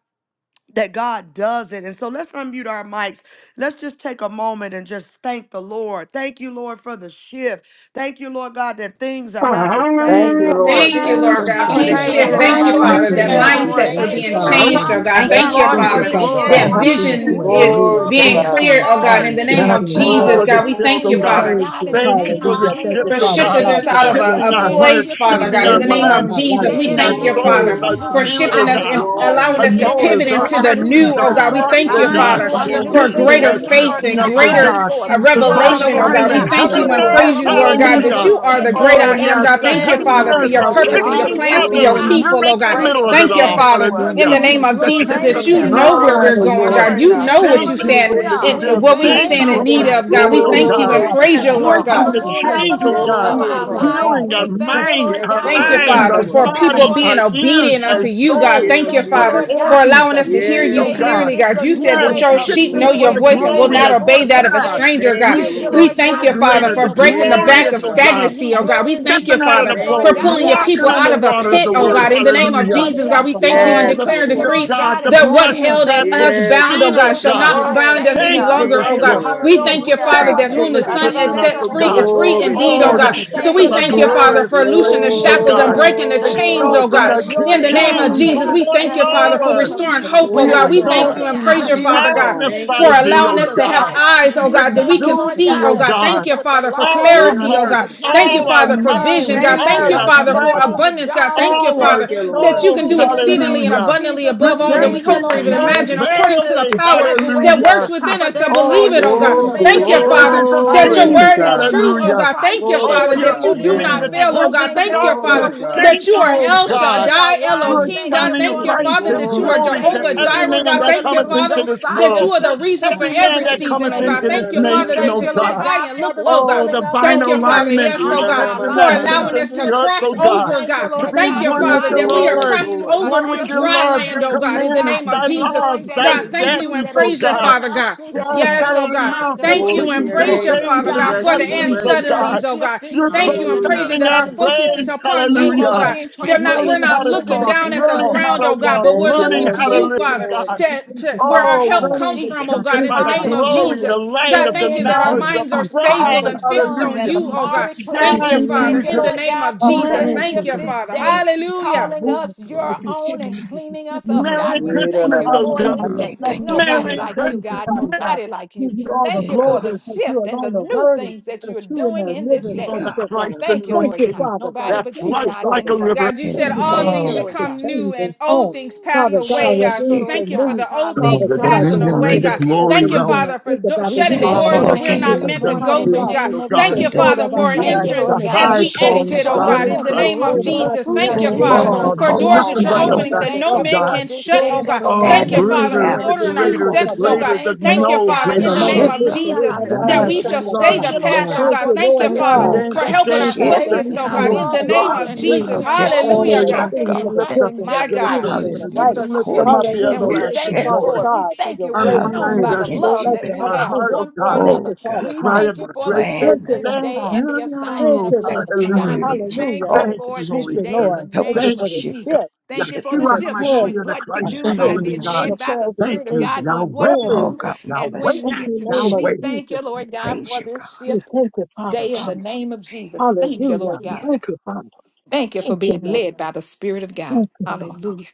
A: that God does it. And so let's unmute our mics. Let's just take a moment and just thank the Lord. Thank you, Lord, for the shift. Thank you, Lord God, that things are not the
H: Thank
A: same.
H: you,
A: Come on,
H: Lord.
N: Thank you,
H: Thank
A: things
H: you.
N: Lord
A: are
E: Thank
N: God,
E: you,
N: for the
F: Thank
E: Lord.
F: you,
N: shift.
A: changing in
N: Thank
F: Lord,
N: you,
A: my
L: Thank
F: for the
A: life.
E: Thank
H: Thank
N: Father,
E: you,
H: you,
N: that
L: you.
A: Things,
F: shift.
E: Lord. Thank
F: We
A: Lord,
H: Jesus.
N: mindsets
L: Thank
N: are
L: you,
E: you,
F: thank
N: being
F: you,
L: Jesus.
E: Father
G: Uh-huh.
F: Lord
N: changed,
E: God.
F: God,
N: oh God.
B: Thank
H: Thank
B: you,
N: Thank
A: God,
F: shifting
N: you,
A: we
B: Lord,
F: us
E: Thank
A: give
B: for
E: you,
A: you
H: you.
N: Father,
B: the
F: in
L: Awesome,
E: Father
G: Uh-huh.
L: and
F: your
E: God,
N: that
A: glory.
G: Uh-huh.
B: shift.
E: for things
L: wonderful,
F: divine
E: you
N: vision
L: and
E: have
F: will
N: is
F: and
H: Glory
F: your
E: removed,
H: to
E: things
N: being
B: Thank
F: place
B: you,
E: you
H: God.
N: clear,
E: have
N: oh God,
F: where
N: in
E: changed,
B: Lord.
N: the
F: you
N: name
E: things
G: Yes,
F: have
N: of
E: you have
F: for
G: thank you
N: Jesus,
H: Glory,
G: for
F: us.
G: the
E: altered.
N: God. We
F: We
G: shift,
H: glory,
N: thank
G: oh
F: thank
N: you,
E: We
F: you,
G: God.
F: Lord
N: Father
E: praise
F: God, in
E: you,
F: the
L: Jesus.
G: Thank you
F: name
G: for the
F: of
E: hallelujah. Thank
F: Jesus.
E: you,
G: shift,
N: for
G: oh
L: Hallelujah.
E: Father
G: God.
N: shifting
F: Thank
E: God,
N: us
F: you
E: for
N: out
L: Hallelujah.
E: the
N: of
F: for
N: a,
F: your
E: gift
G: Shifting
N: a
G: our
F: hand
E: of
N: place,
G: hearts,
F: shifting
N: Father
E: um,
F: and
G: shifting
E: the
N: God. In
G: our
N: the
F: moving
N: name
E: Lord in
N: of
F: us
E: my
G: minds,
F: this
N: Jesus,
E: life
F: day
N: we
G: shifting
F: in
E: and
F: the
G: our
N: thank you,
H: glory,
F: name of
E: everything
G: souls,
E: that
N: Father,
G: our
E: is
H: glory,
N: for
L: Oh,
F: Jesus.
G: spirit,
E: changing. If
N: shifting
G: oh
L: Lord.
F: Out
E: you
H: glory,
N: us
F: with
G: God
F: the
E: keep
N: and
E: me
F: old
E: in
N: allowing
F: and
G: our
N: us
E: you,
N: to
F: in with
N: pivot
G: motives,
L: Yes,
F: the
G: our
L: Lord.
N: into
F: new.
N: the
E: if
F: You
E: you
G: actions,
N: new,
F: have
N: oh
G: our
E: keep me
N: God.
L: Hallelujah.
F: done
N: We
E: in
F: it.
G: thoughts,
E: you, you
N: thank
G: oh
N: you,
F: You
H: glory,
E: can
G: God,
B: Divine
F: do
N: Father,
E: lead
F: a
E: me,
F: new
H: glory, glory,
L: Wonderfully
N: for
B: shifting.
E: lead
F: thing,
G: shifting
L: made.
N: greater
G: us,
F: and
B: Thank
H: glory.
B: you
E: me,
N: faith
F: now
B: for
E: lead
G: shifting
E: me
N: and
F: it's
E: to
G: us,
E: the
G: oh
L: Yes,
E: light.
N: greater
F: springing
B: divine
G: God.
F: forth.
N: uh,
E: Thank you,
B: shifting.
G: Divine
F: God,
E: Father
N: revelation, oh
F: we
E: God,
N: God.
E: for
N: We
B: Hallelujah,
G: alignment,
L: Lord.
F: thank
H: Thank
F: you
N: thank
H: you,
G: heaven
E: the
F: for
N: you
G: and
F: the
E: gift
N: and
H: Lord.
E: of
B: hallelujah.
N: praise
G: earth,
F: shift
N: you,
E: life.
F: this
N: Lord
H: Glory,
E: Thank
N: God,
F: day.
E: you for
N: that
G: hallelujah.
F: We
N: you
E: the
N: are the
F: thank you,
E: time
N: great
G: Oh
F: Lord
N: I
E: for it.
N: am,
F: God,
G: yes,
F: in
N: God.
F: the
G: the
N: Thank you,
F: name of
L: Yes,
G: heavens
E: Thank
G: and
N: Father,
L: Lord.
E: you
N: for
F: Jesus
G: earth
L: You
E: for
N: your
G: are
L: are
E: the
N: purpose
F: that we
N: and your
G: kissing
F: would
H: glory, glory,
G: each
N: plans
L: awesome.
F: walk
N: for
F: in
G: other
N: your
G: and
H: glory.
F: our
G: we're
N: people,
E: Hallelujah.
N: oh
G: right
L: and
G: in
N: God.
F: shifting
G: the
E: Yes,
G: middle
L: gratefully
G: of it
E: Father
N: Thank you,
G: all,
E: God,
F: assignment,
L: given to
E: thank
N: Father,
E: you for
L: us,
N: in
E: the
G: hallelujah.
N: the
F: bringing
L: Lord
N: name
F: you
E: gift.
N: of
G: The
L: Jesus.
E: Thank you
N: Jesus,
F: glory.
E: for
G: kiss
E: the
L: Thank
F: We
N: that
G: of
H: Thank
N: you
H: you,
L: you.
F: thank
E: family.
F: you
N: know
H: Lord.
N: where
F: for
L: Thank
F: it
L: you
G: God,
E: Thank
N: we're
L: for
G: oh
E: you
F: this
N: going,
E: for
G: Lord.
F: day
E: the
N: God.
F: in
H: Thank
F: the
L: covering
N: You
E: gift.
H: you,
L: us.
N: know
F: name of
N: what
E: You
G: Thank
N: you
H: Jesus.
G: you
E: really
F: Jesus.
E: can
N: stand
G: for
H: Thank
E: make
G: this
H: you,
L: Hallelujah.
E: us
N: and
F: We
E: so
G: shift.
N: what we
F: thank
H: Jesus.
F: you,
G: Thank
L: Thank
E: happy
N: stand in
G: you,
F: Father
E: to
L: you,
N: need
G: Holy
E: come.
F: God,
N: of,
F: in
N: God.
F: the
L: Jesus.
N: We
G: Spirit, oh
F: name
E: Thank
N: thank
F: of
E: you,
N: you
G: God.
N: and
H: Glory
E: Father
H: to
F: Jesus.
N: praise
H: God.
N: you,
L: Yes,
E: God. We
N: Lord
L: Lord.
F: Thank you
N: God.
G: Breaking
E: bless
F: for
G: the
E: you.
F: being the
L: Hallelujah.
G: chains, oh
F: strength
E: Hallelujah.
G: God
F: of
E: Thank
H: Glory
E: you,
F: our
H: to
E: Lord
H: God.
F: lives.
E: God,
G: healing our
E: for
F: We
E: the
F: thank
E: gift.
F: you,
G: mind,
F: Lord
L: Yes,
H: Yes,
G: our
F: God, in
N: Thank
L: Lord.
H: Lord.
F: the
N: you,
H: Yes,
G: eyes,
E: Thank
F: name
N: Father,
G: our
E: you,
F: of
N: for
L: Jesus.
H: Lord.
E: Lord
F: Jesus
N: people
G: body,
E: God.
F: for
L: Jesus.
G: our
N: being
F: this new
G: ears,
E: And
N: obedient
E: now
G: our
N: unto
F: shift.
E: to
N: you,
H: Thank
E: the
N: God.
F: We
G: soul
H: you,
N: Thank
H: Lord
N: you,
F: thank
E: King,
F: you,
G: our
H: Jesus.
N: Father,
E: the
F: Lord
N: for
F: God.
E: King, the
F: It's
G: organs
N: allowing
F: a
G: are
N: us to hear
E: the
F: new
N: you
H: Yes,
G: single,
E: Lord
F: day.
E: of the
G: God.
H: God.
N: clearly,
F: It's
N: God.
E: King.
F: a
H: Thank
N: You
F: new
H: you,
N: said
H: Lord.
N: that
G: Yes,
E: Thank
F: way
N: your
E: you
H: Thank
F: of
E: for
H: you,
N: sheep
E: the gift
G: shifting
N: know
H: Lord.
F: living,
E: of
G: for
N: your
E: us,
G: the
F: and
H: Thank
F: we
N: voice
E: Father,
H: you,
N: and will
F: thank
G: glory
E: Lord,
H: Lord.
N: not
F: you
G: of
E: and the
F: for
N: obey that
F: this
E: King,
N: of a
E: the
G: God.
F: day
E: King,
N: stranger,
H: Thank
N: God.
G: We
E: the
H: you,
F: Thank
E: King,
F: you,
G: shift
N: We
A: Mm,
E: the
H: Lord.
F: Lord
E: King,
G: for
N: thank
G: the
F: God.
N: you,
F: In the
N: Father,
G: greater,
F: name
N: for
G: the
F: of
E: the
N: breaking the
F: Jesus,
H: Yes,
N: back
F: we're
G: glorious,
N: of
G: oh
E: King.
H: God.
F: bringing
G: God.
N: stagnancy,
F: you
E: I
N: oh
E: was
N: God. We
F: glory.
N: thank
F: We
N: you,
G: Stepping out of
E: a
F: thank
N: Father,
F: you,
G: the
E: Christian,
H: Thank
N: for
F: Lord
G: boat,
H: you,
F: God,
N: pulling
F: that
N: your
H: Lord.
F: our
G: walking
N: people
E: Thank
G: on
E: you
N: out
G: the
E: for
N: of
F: children,
N: a
E: the
G: water
F: the
E: time,
G: of
H: Thank
N: pit,
G: the
H: you,
N: oh
E: God.
F: shift
G: word.
N: God. In
F: has
H: Lord.
N: the
E: Thank
N: name
F: come
E: you,
N: of
G: Hallelujah.
F: for
E: Father
N: Jesus, God,
F: them.
E: God,
N: we
E: for
N: thank
F: And
N: you
E: heaven
N: and
E: and
G: Oh,
F: we
H: Yes,
G: the
E: earth.
N: declare and
F: thank
G: feet
F: you,
E: Thank
H: Lord.
E: you,
G: of
N: decree
F: Lord
G: God,
E: Jesus.
F: God,
G: the
F: in
E: Thank
F: the
E: you,
N: that what
F: name
G: blessed
F: of
N: held
E: Jesus. Yes, thank
G: gospel
N: us
F: Jesus.
E: you,
H: Yes,
E: Jesus.
N: bound,
F: Our
N: oh
G: feet,
H: God.
N: God,
G: oh
E: Thank
N: shall
F: children
E: you,
G: God.
E: Jesus.
N: not
F: are
E: And
N: bind
L: Yes,
N: us
L: we
F: saved.
N: any
G: Thanks
L: are
F: We
G: for
H: Thank
G: the
N: longer, oh
F: thank
H: you,
E: thank
F: you.
N: God.
L: grateful.
E: you,
G: shift.
F: It's
H: Lord.
N: We
F: your
E: Jesus,
N: thank you,
E: the
F: will
N: Father,
E: first
F: for
G: Thanks
N: that
L: Hallelujah.
G: for
E: mother,
F: them
N: whom the
G: the
H: Thank
F: to
E: God,
H: you,
N: Son
F: be
G: shift
N: has
G: in us,
N: sets
H: Jesus.
F: saved.
G: oh
E: of
N: free is
F: The
G: God.
E: the
N: is free
E: God.
H: Glory
L: Thank
H: to
N: indeed, oh
E: Thank
G: Oh,
L: you.
F: grandchildren,
E: you
G: the
N: God.
F: we
E: for
H: God.
E: the
N: So
F: thank
G: shift
F: you,
N: we
G: of
E: gift,
L: Thank
G: our
N: thank
F: Lord
L: you.
N: you,
E: Father
F: God, the
E: God.
N: Father,
G: glorious
N: for
F: shift with
N: loosing
E: Thank
N: the
E: you
G: praise,
L: Thank
E: for
G: oh
E: the
F: healing
N: shackles
F: and
N: and
G: God.
E: kindness.
L: you.
N: breaking the
E: Thank
F: protection
E: you
L: Thank
E: for
N: chains,
E: the
H: Oh,
L: you.
N: oh
F: flowing.
G: Exalting
N: God.
G: the
H: bless
E: thank
G: King
H: the
F: Your
E: you.
N: In
G: of
N: the
H: name of
F: shift
N: name
E: Thank you
N: of
F: is
L: Hallelujah.
G: Kings,
E: for
N: Jesus,
G: Lord
F: taking
N: we
H: Jesus.
L: In
N: thank
L: the
N: you,
F: place in the
L: name
N: Father,
L: of
G: of
N: for
E: the
G: Lords.
F: name of
N: restoring
E: gift of
F: Jesus,
L: Jesus.
N: hope,
G: We
E: heaven
N: oh
E: and earth.
F: a
L: Yes,
N: God.
H: Glory
N: We
H: to
E: Thank
N: thank
G: exalt
L: Lord.
N: you
E: you
H: God.
F: shifting
N: and
G: thee.
F: out
G: We
N: praise
E: for
N: you,
E: the
F: of
N: Father
E: glory.
N: God,
F: darkness
L: Thankful.
H: Thank
F: into
N: for
H: you,
G: magnify
F: your
E: Thank you
G: thee,
E: for
N: allowing
E: the
G: O
N: us
H: Jesus.
F: marvelous
N: to have
F: light.
G: God.
E: kindness.
L: Hallelujah.
N: eyes, oh
F: We
N: God, that we
F: thank you,
E: Thank
N: can
E: you
G: Exalt
E: for
F: Lord
E: the
L: Hallelujah.
N: see,
G: thee,
N: oh
F: God,
G: O
F: a
E: trust
N: God.
E: and
N: Thank
G: God.
F: shift
N: you,
L: Hallelujah.
F: with the
N: Father, for
F: lawful
G: All our
H: Get up.
N: clarity,
F: captives
N: oh
L: Thank
F: and
N: God.
F: the
G: hearts,
E: honor.
L: you,
N: Thank
E: Thank
N: you,
G: all
F: captives
E: you,
G: our
L: Jesus.
E: God.
N: Father,
F: being
N: for
F: set
E: And
N: vision,
E: thank
G: minds,
F: free,
E: you,
N: God.
L: Thank
E: God.
N: Thank
G: all
N: you,
F: a
G: our
L: you.
E: I'll
N: Father,
E: move
F: shift
N: for
E: it,
F: on
G: bodies,
E: God.
F: the
N: abundance, God.
F: jobs,
N: Thank
F: a
N: you,
G: all
H: Thank
F: shift
G: our
N: Father,
H: you,
F: in
N: that
E: Thank
N: you
E: you,
H: Lord.
N: can
G: souls.
N: do
F: school
E: Jesus.
F: in the
E: Thank
N: exceedingly
F: name
N: and
F: of
G: Hallelujah.
N: abundantly
F: Jesus.
N: above
F: We
N: all that
E: you.
N: we
H: Thank
F: thank
H: you,
F: you,
E: Amen.
N: hope or
G: Redemption
F: Lord
N: even
E: I'll
F: God,
H: Jesus.
E: never
N: imagine,
F: these
E: see it.
N: according to the
F: children
G: glory.
N: power that
F: graduating at the
N: works
G: Hallelujah.
N: within
F: top
E: Thank
F: of
N: us
E: you.
N: to
F: their
N: believe
G: Oh,
N: believe it,
F: classes.
N: oh
G: you've
N: God.
F: We
G: given
H: Oh,
G: us
F: thank
G: the
F: you,
N: Thank you,
F: Lord God,
N: Father,
G: treasures of
E: Thank
F: a
N: that
H: glory
N: your
F: shift
H: to
G: kings.
N: word
F: in
N: is
F: the
H: God.
N: true,
F: body
N: oh
F: of
G: Hallelujah.
N: God.
F: Christ
N: Thank you,
F: where
H: Glory
F: they're
G: Oh,
N: Father,
H: to
G: you're
N: that
F: coming
N: you
H: God.
N: do
F: in
G: opening
N: not
G: the
A: yeah.
F: and
N: fail, oh
F: we
N: God.
G: treasures
F: thank
G: of
F: you
N: Thank you,
H: Glory
N: Father,
F: they're
H: to
G: darkness.
F: winning
H: God.
N: that
G: Thank
N: you
G: you,
N: are
F: souls
G: oh
N: El
F: because
G: God.
F: they are
N: Shaddai,
G: You
F: wise.
G: are
N: Elohim,
F: Thank
N: God.
F: you
G: shining
N: Thank
F: for
N: you,
F: the
G: light
N: Father,
G: and
F: shift
N: that you
H: Glory
N: are
F: this
H: to
G: glory
H: your
F: day
G: to
N: Jehovah
H: name,
G: every
F: Thank
N: Jireh,
F: you
H: Lord.
G: man
N: God.
F: for
G: that
F: the
N: Thank you,
G: cometh
F: little
N: Father,
G: into this
N: that
F: Josiahs.
N: you
G: world,
N: are the
F: The
N: reason for
F: shift
G: every
F: is
G: man
N: every
G: that
F: taking
N: season,
G: cometh
N: oh
H: Oh,
F: place.
N: God.
G: into
H: na, na,
G: this
N: Thank you,
H: na, na,
F: We
H: my
N: Father,
G: nation,
N: that
G: oh
F: thank
N: you
H: son.
F: you,
N: sit
F: Lord
G: God.
N: high
F: God,
N: and
F: for
N: look
F: the
N: low, God.
G: Oh,
F: revealing of
G: divine
F: your
N: Thank you,
F: will
N: Father.
F: in
G: alignment.
N: Yes,
G: You're
H: Yeah,
N: oh
F: all
H: na,
F: of
H: na,
N: God,
H: na,
F: our
H: my
G: shifting
N: for
G: the
F: lives.
H: son,
G: heavens
H: na.
N: allowing
F: This
G: and
N: us to
G: the
F: shift,
G: earth,
N: cross
G: oh
F: we
G: God,
N: over,
F: thank
N: God.
F: you,
G: to
F: Lord
G: be
N: Thank
F: God,
N: you,
F: in the
G: one with
N: Father,
H: Yes,
G: the
F: mighty
N: that we
H: Lord.
N: are
F: name
H: Yes,
F: of
G: Lord,
N: crossing
F: Jesus,
H: Lord.
F: a
N: over
G: one
N: on
G: with
F: shift
G: your
F: of
N: dry
G: love,
N: land,
G: your
N: oh
F: honoring
N: God,
F: you,
N: in the
F: God,
G: commandments,
N: name of
G: thy
F: and
N: Jesus.
F: knowing
G: love,
F: that
G: thy
F: it
N: God,
F: is
N: thank you
F: you
N: and
G: statutes,
F: that has
G: oh
N: praise you,
G: God.
F: given
N: Father
F: us
N: God.
F: this
G: Yes, out
F: shift,
N: Yes, oh
F: this
G: of the
N: God.
F: time
G: mouth
F: to
G: of
N: Thank
H: Glory
N: you
F: bring
H: to
N: and
F: you
G: kings
H: your
G: and
N: praise
F: glory.
N: your
H: name, Lord.
N: Father
G: babes
H: We
G: and
N: God
F: God,
H: bless
N: for
H: you.
F: we
N: the
H: We
N: and
G: sucklings,
F: thank you
G: oh
H: bless
F: for
H: you.
F: the
G: God.
N: suddenlies, oh
F: shift
N: God.
F: this
G: You're
F: day
N: Thank you
F: in the
N: and praise you
H: Hallelujah.
F: name
G: perfecting
N: that
F: of
G: our
N: our
F: Jesus.
N: focus is
G: praise,
N: upon you,
F: Thank you
N: oh
F: for
G: hallelujah.
N: God.
F: being
E: you.
N: They're not we're
G: Learning
F: translated
E: of
N: not
G: how to
F: into
N: looking
F: the
G: talk,
N: down at
F: kingdom
N: the
F: of
G: learning
E: Oh,
F: you.
G: how
E: I'm
N: ground,
E: not
G: to
N: oh God,
G: walk,
E: giving
N: but
H: Thank
N: we're
E: you.
H: you,
G: learning
E: Oh,
N: looking
H: Lord.
N: to
E: I'm
G: how to
N: you,
E: not
H: Thank
G: live,
H: you,
E: giving
G: oh
N: Father,
H: Lord.
G: God.
E: you.
N: to,
E: Thank
N: to
E: you,
N: where
E: Father
N: our
G: Oh,
N: help
E: God.
G: learning
N: comes
G: to
N: from,
F: Jesus.
E: I
N: oh
G: take it
N: God,
E: thank
N: in
G: by
N: the
E: you,
G: the
N: name
E: Father
N: of
E: God
G: glory,
F: Hallelujah.
N: Jesus.
G: the light
N: God,
G: of the
N: thank you
F: Bringing
E: in the
N: that our
F: us
E: vein
G: knowledge
E: of
G: of
N: minds are
F: up
E: Jesus, the
F: out of
G: God,
N: stable
E: land
F: the
E: of
N: and fixed
E: Jesus,
F: dung
N: on
E: he
F: and
G: hallelujah.
F: the
N: you,
E: uses
N: oh
E: and
N: God.
F: miry
E: he
F: clay.
N: Thank
A: Thank
E: certainly
A: you,
N: you,
F: We
G: Shine,
E: he
N: Father,
F: thank
A: Lord.
F: you,
N: in the
G: Jesus.
E: places.
F: Lord
N: name
F: God,
N: of
E: Father
F: for
N: Jesus.
H: Thank
E: God,
F: that
G: Merry
E: help
H: you,
A: Thank
E: me
N: Thank
A: you,
F: shift
N: you,
H: Jesus.
E: to
A: God.
E: be
F: this
N: Father.
E: seen
F: day,
E: as
G: Christmas,
E: Jesus in
N: Hallelujah.
E: the
F: calling
E: movement
F: us
E: that
F: your
I: Glory
E: you're
I: to
F: own
E: sending
F: and
I: God.
E: me, that you're
F: cleaning us
E: shifting
F: up.
E: me and
F: God,
G: Merry
F: we
E: leading me.
H: Yeah,
F: thank
H: na, na,
G: Christmas,
F: you
H: my
G: oh
F: for
G: God.
F: this
I: Mm,
E: Hallelujah.
F: day.
I: We
E: Bless
H: son.
I: thank
E: your
I: you,
E: name
F: Nobody
G: Merry
E: and
I: Father.
F: like you,
E: praise you,
G: Christmas,
F: God.
G: Merry
E: Father God.
G: Christmas.
F: Nobody like you.
E: Give you all the
F: Thank
I: Yeah,
F: you
E: glory
F: for the
I: God.
E: because you
F: shift and the
E: alone are
F: new
E: worthy,
F: things that
E: the
F: you're
E: true and
F: doing
E: the
F: in this
E: living,
I: Yeah,
F: day.
G: Oh, the
I: God.
E: faithful
G: Christ
E: God.
F: Thank you,
E: Thank
F: Lord
E: you,
G: anointing
F: God.
E: Father
F: Nobody
E: God.
G: that
F: but you,
E: Thank you,
G: floods
F: God,
G: like
F: can
E: Father
G: a
F: do.
E: God.
G: river.
N: God, you
I: In
E: Thank
N: said
I: the
E: you for
N: all
I: name of
F: Thank
N: things
F: you,
G: Oh,
I: Jesus.
F: Lord
E: the
F: God.
N: become new
E: change
N: and
E: and so
N: old
E: on.
N: things
F: Ooh,
N: pass
F: We
E: Father
N: away,
E: God,
I: Shift
E: that
F: praise
I: is
N: God.
F: you,
N: So
I: here.
E: things
F: Lord
E: are
N: thank you for
F: God.
E: new.
N: the old things
E: Father
G: the
I: Let
E: God,
I: us
F: Hallelujah.
N: passing
E: that
G: dominion
E: we
I: walk
N: away,
G: reign,
I: in
G: the
E: didn't
N: God.
F: Hallelujah.
I: it, God.
E: expect,
G: glory
E: that
N: Thank you,
E: we
G: realm.
E: didn't
N: Father, for
E: think
N: do-
E: about,
F: We
E: that we
N: shutting
I: Let
E: didn't
F: bless
I: us
F: your
G: Oh,
N: doors
E: see.
N: that
G: the
I: walk
N: we're
I: in
F: name
I: it,
E: We
N: not
I: God.
F: this
E: thank
G: kings
N: meant
E: you,
N: to
G: and
F: morning
N: go
E: Father
F: in the
N: through,
E: God,
G: priests
N: God.
E: for
F: name
G: of
F: of
E: keep
G: God.
N: Thank
E: and
N: you,
I: And
F: Jesus.
I: then
E: soul
N: Father,
E: of
F: We
E: our
N: for an
A: Thank
E: time
A: you,
F: thank
G: Yes,
E: to
F: you,
N: entrance
A: Lord.
E: turn
G: the
F: Lord
E: the
F: God.
N: as
E: time
G: high
E: to
N: we
E: soul.
I: shift
F: Thank
G: calling
F: you
G: of
N: exit,
I: us
N: oh
F: for the
I: on.
G: God
E: Then
N: God,
E: the
G: in
N: in the
F: strength to
E: inner
G: Christ
N: name
F: run
N: of
E: soul of
F: through
G: Jesus.
F: a
E: our
N: Jesus.
F: troop
I: Let
E: community,
N: Thank
F: and
E: the
N: you,
I: us
A: Oh,
F: leap
I: be
E: order of
N: Father,
I: all
A: God.
E: our
F: over
I: you
G: Oh,
E: to
N: for
F: a
I: call
E: serve the
N: doors
I: us
F: wall.
I: to
N: that
G: nothing
E: Father,
N: you're
G: but
F: God,
I: be,
E: another
G: the
I: oh
F: we
N: opening
I: God.
E: thanks
N: that
E: to
F: thank
G: best
N: no
E: God.
F: you
G: of
N: man
F: for
G: God.
F: it
N: can
F: this
N: shut,
E: Lord,
N: oh
I: Let
F: day
I: us
E: about
N: God.
E: our mouth,
G: Oh,
F: in
N: Thank
I: stand
N: you,
F: the
E: shut
I: in
E: the
I: the
N: Father,
E: time,
F: name
G: greater,
N: for
I: gap
E: and
G: the
F: of
I: as
E: every
N: ordering
I: you
N: our
G: greater,
E: sister,
G: the
I: called
F: Jesus.
N: steps, oh
I: us,
F: We
E: Father.
I: God.
N: God.
G: greater, the
F: thank you,
N: Thank you,
F: Lord
G: no
N: Father,
I: Let
F: God.
E: In
I: us
N: in
G: greater
E: the
N: the
E: name
N: name
G: love.
E: of
I: shift,
N: of
E: sister,
I: God,
F: Hallelujah.
E: oh,
N: Jesus
I: in the
E: my
N: that
E: God,
G: Yes,
I: name
F: Hallelujah.
N: we
I: of
G: we
N: shall
I: thy
E: shut the
G: love
N: stay
I: son
F: Thank
E: time.
N: the
F: you,
G: you,
F: Lord
N: path,
G: Lord.
I: Jesus.
N: oh
F: God,
E: Thank
N: God.
F: for
E: you,
F: the
N: Thank you,
E: Lord
G: Thank you,
N: Father,
F: shifting
E: God
I: Oh
G: thank
N: for
G: you,
F: that
I: God,
N: helping
E: the
N: our
F: takes
G: thank you,
I: shift
E: pathways
F: place
N: focus,
E: of
G: thank
F: in
N: oh
G: you,
F: our
N: God,
E: change,
N: in
G: Lord
F: love
N: the
E: pathways
N: name
F: walk
E: of
G: God.
N: of
F: and
I: into
N: Jesus.
E: newness,
F: looking
I: our
F: and walking
I: destiny.
G: Oh,
E: pathways
N: Hallelujah,
F: and
E: of
G: yes,
I: Shift,
N: God.
F: talking
E: things for
F: and
G: you
E: the
G: lift
I: God.
G: up
F: acting
G: its
E: different
N: My
E: and the
F: just
G: gates,
F: like
G: O
N: God,
E: beautiful
F: you.
G: Lord.
E: and the
F: It's
E: right.
I: Hallelujah.
G: You
F: a
G: lift
F: shift.
G: them
I: According
G: up,
I: to
G: the
I: your
F: And
E: Hallelujah.
F: we
I: will.
E: Thank you,
F: thank
G: everlasting
I: Shift.
F: you
E: Father
F: for
G: doors.
F: it. We
E: God, for
F: thank you.
E: your
G: Our
F: We're
E: grace, your
F: known
G: mind,
F: by
I: Hallelujah.
G: our
F: the
E: mercy, your
G: soul,
F: love
I: Into
F: that
I: that.
E: blessing.
F: we
G: our
F: have
G: heart,
E: Hallelujah.
G: oh
F: one for
G: God.
E: Thank
I: Oh
F: another.
E: you,
G: We
E: Father
I: God.
F: We
E: God.
G: cry
F: thank
G: out
F: you
G: with a
F: for the
G: great big
E: Thank
F: shift
I: Plan
E: you,
I: and
F: this
E: Lord
G: thank
F: day
E: God.
F: and the
E: Thank
F: assignment of
G: you.
E: you, Lord
F: love.
E: God.
F: God,
G: Hallelujah.
A: Glory.
I: activity
F: we
I: that you
F: thank
E: Hallelujah.
F: you
I: called
G: Thank
F: for
G: you,
F: it
I: us
E: Thank
F: this
G: Holy
I: to.
E: you,
F: day in the
E: Lord.
G: Spirit.
I: Help
E: Thank you
I: us
F: name
G: Thank
I: to
E: for
F: of
E: the
G: you.
I: shift,
F: Jesus.
I: God.
E: gift
F: Thank you
I: Shift
F: for
E: that
F: the
I: now.
G: Yeshua
F: shift,
E: prepares
F: knowing
G: HaMashiach, the
F: what
E: us
F: to
E: our
I: In
G: Christ,
I: the
F: do
G: Son of
F: by
G: the
A: Thank
E: trip,
A: you,
F: and
I: name of
G: living
A: Lord.
F: being
G: God.
F: led
I: Jesus.
F: by the
E: prepares us the
G: Thank
F: Spirit of
G: you,
E: things that
F: God,
E: we're
F: knowing what to
E: praying for,
G: Yahweh.
I: Oh
F: do
E: Lord.
I: God, we
F: and
I: bless
F: when
E: In
I: thee
G: Yahweh,
I: and
F: not
E: the
F: to
I: we
F: do.
E: name
I: shall-
E: of
G: Yahweh.
F: We thank
E: Jesus,
F: you,
I: we
F: Lord God,
I: praise
F: for
I: you,
F: this
I: God.
E: we
F: shift
E: thank you,
F: this
I: In
E: Father
F: day in
E: God.
F: the
I: Jesus'
F: name of
I: name.
F: Jesus. Thank you, Lord
E: Hallelujah.
F: God.
I: Yes, God.
E: Thank you, Father.
F: Thank you for
E: Thank you,
F: being
E: Lord.
F: led by the Spirit of God.
E: Thank you, Lord.
F: Hallelujah.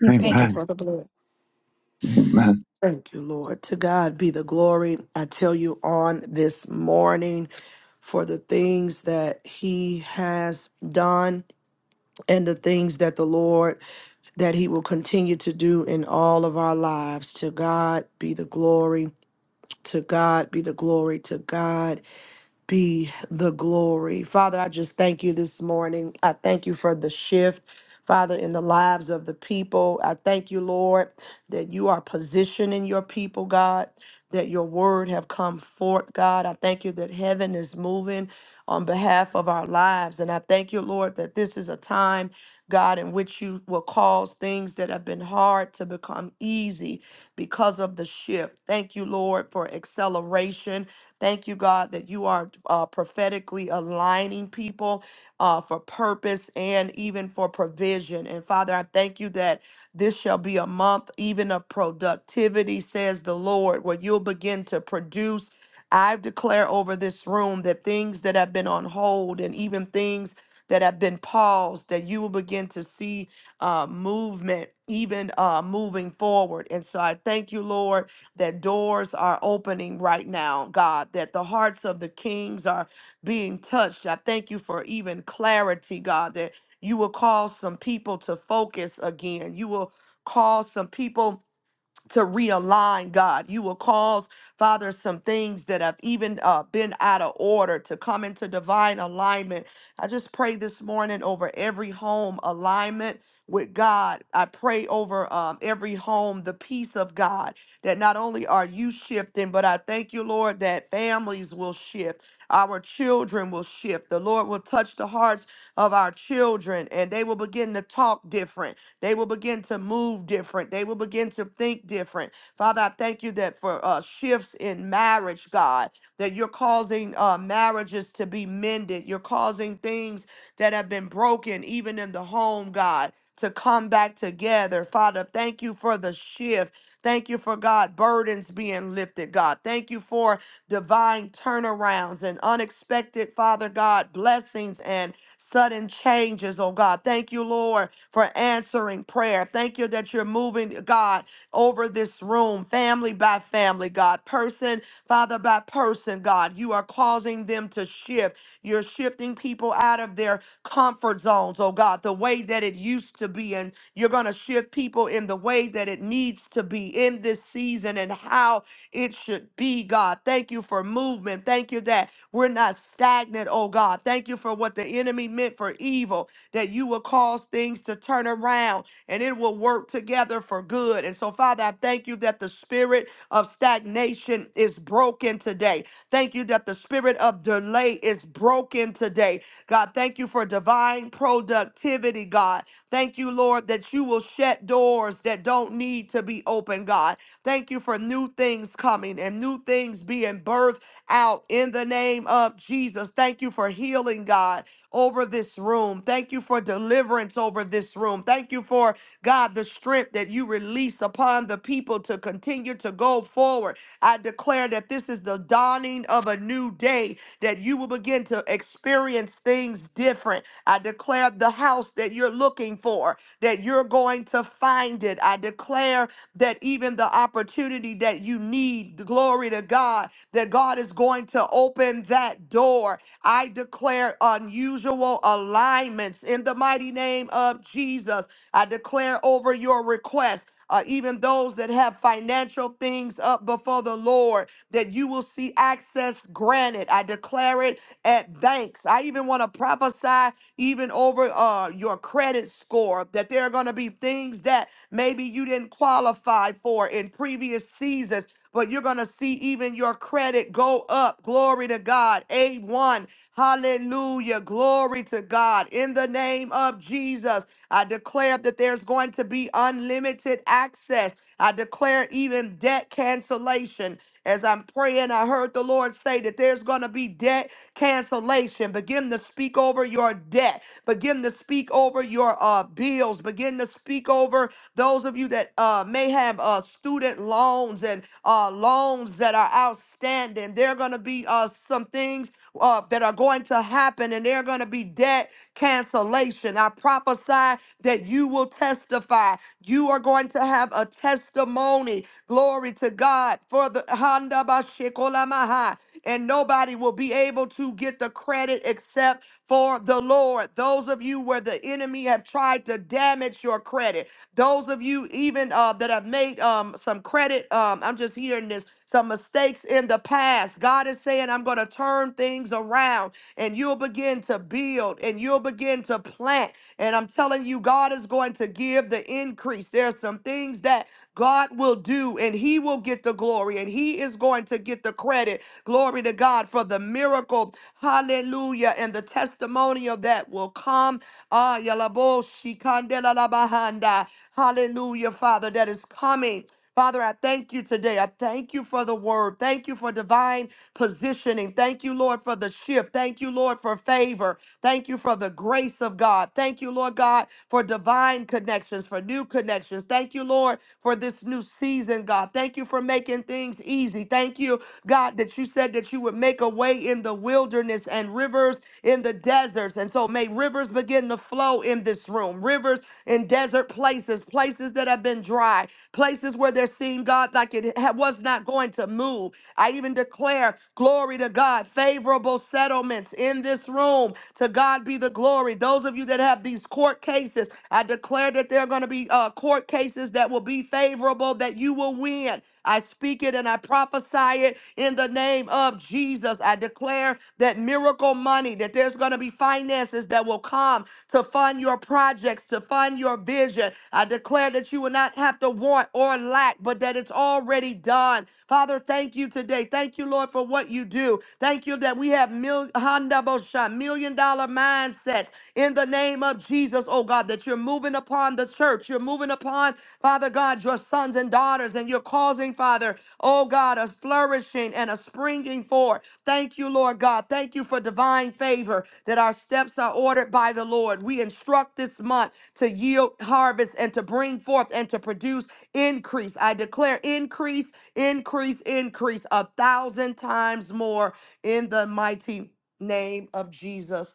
E: Thank you,
F: Thank
E: Lord.
F: you
G: Amen.
F: for the blood.
G: Amen.
A: Thank you, Lord. To God be the glory. I tell you on this morning for the things that he has done and the things that the Lord that he will continue to do in all of our lives. To God be the glory. To God be the glory. To God be the glory. Father, I just thank you this morning. I thank you for the shift. Father, in the lives of the people, I thank you, Lord, that you are positioning your people, God, that your word have come forth, God. I thank you that heaven is moving on behalf of our lives. And I thank you, Lord, that this is a time, God, in which you will cause things that have been hard to become easy because of the shift. Thank you, Lord, for acceleration. Thank you, God, that you are uh, prophetically aligning people uh, for purpose and even for provision. And Father, I thank you that this shall be a month even of productivity, says the Lord, where you'll begin to produce. I declare over this room that things that have been on hold and even things that have been paused, that you will begin to see uh, movement, even uh, moving forward. And so I thank you, Lord, that doors are opening right now, God, that the hearts of the kings are being touched. I thank you for even clarity, God, that you will cause some people to focus again. You will cause some people to realign, God. You will cause, Father, some things that have even uh, been out of order to come into divine alignment. I just pray this morning over every home alignment with God. I pray over um, every home the peace of God that not only are you shifting, but I thank you, Lord, that families will shift. Our children will shift. The Lord will touch the hearts of our children and they will begin to talk different they will begin to move different. They will begin to think different. Father, I thank you that for uh, shifts in marriage, God, that you're causing uh, marriages to be mended. You're causing things that have been broken, even in the home, God, to come back together. Father, thank you for the shift. Thank you for God, burdens being lifted, God. Thank you for divine turnarounds and unexpected, Father God, blessings and sudden changes, oh God. Thank you, Lord, for answering prayer. Thank you that you're moving, God, over this room, family by family, God, person, Father by person, God. You are causing them to shift. You're shifting people out of their comfort zones, oh God, the way that it used to be. And you're going to shift people in the way that it needs to be in this season and how it should be, God. Thank you for movement. Thank you that we're not stagnant, oh God. Thank you for what the enemy meant for evil that you will cause things to turn around and it will work together for good. And so, Father, I thank you that the spirit of stagnation is broken today. Thank you that the spirit of delay is broken today. God, thank you for divine productivity, God. Thank you, Lord, that you will shut doors that don't need to be open, God. Thank you for new things coming and new things being birthed out in the name of Jesus. Thank you for healing, God over this room. Thank you for deliverance over this room. Thank you for, God, the strength that you release upon the people to continue to go forward. I declare that this is the dawning of a new day, that you will begin to experience things different. I declare the house that you're looking for, that you're going to find it. I declare that even the opportunity that you need, glory to God, that God is going to open that door I declare unusual alignments in the mighty name of Jesus. I declare over your request. Uh, even those that have financial things up before the Lord, that you will see access granted. I declare it at banks. I even want to prophesy, even over uh, your credit score, that there are going to be things that maybe you didn't qualify for in previous seasons, but you're going to see even your credit go up. Glory to God. A1 Hallelujah. Glory to God. In the name of Jesus, I declare that there's going to be unlimited access. I declare even debt cancellation. As I'm praying, I heard the Lord say that there's going to be debt cancellation. Begin to speak over your debt. Begin to speak over your uh, bills. Begin to speak over those of you that uh, may have uh, student loans and uh, loans that are outstanding. There are going to be uh, some things uh, that are going to happen, and they're going to be debt cancellation. I prophesy that you will testify. You are going to have a testimony. Glory to God for the Handa Bashikolamaha. And nobody will be able to get the credit except for the Lord. Those of you where the enemy have tried to damage your credit, those of you even uh, that have made um, some credit, um, I'm just hearing this, some mistakes in the past. God is saying, I'm going to turn things around and you'll begin to build and you'll begin to plant. And I'm telling you, God is going to give the increase. There's some things that God will do and he will get the glory and he is going to get the credit. Glory to God for the miracle. Hallelujah. And the testimony of that will come. Ah, yalabo shikandelala Hallelujah, Father, that is coming. Father, I thank you today. I thank you for the word. Thank you for divine positioning. Thank you, Lord, for the shift. Thank you, Lord, for favor. Thank you for the grace of God. Thank you, Lord God, for divine connections, for new connections. Thank you, Lord, for this new season, God. Thank you for making things easy. Thank you, God, that you said that you would make a way in the wilderness and rivers in the desert deserts. And so may rivers begin to flow in this room, rivers in desert places, places that have been dry, places where they're seeing God like it ha- was not going to move. I even declare glory to God, favorable settlements in this room. To God be the glory. Those of you that have these court cases, I declare that there are going to be uh, court cases that will be favorable, that you will win it. I speak it and I prophesy it in the name of Jesus. I declare that miracle money, that there's going to be finances that will come to fund your projects, to fund your vision. I declare that you will not have to want or lack, but that it's already done. Father, thank you today. Thank you, Lord, for what you do. Thank you that we have mil- Honda Bosha, million dollar mindsets in the name of Jesus, oh God, that you're moving upon the church. You're moving upon Father God, your sons and daughters, and you're causing, Father, oh God, a flourishing and a springing forth. Thank you, Lord God. Thank you for divine favor that our steps are ordered by the Lord. We instruct this month to yield harvest and to bring forth and to produce increase. I declare increase, increase, increase a thousand times more in the mighty name of Jesus.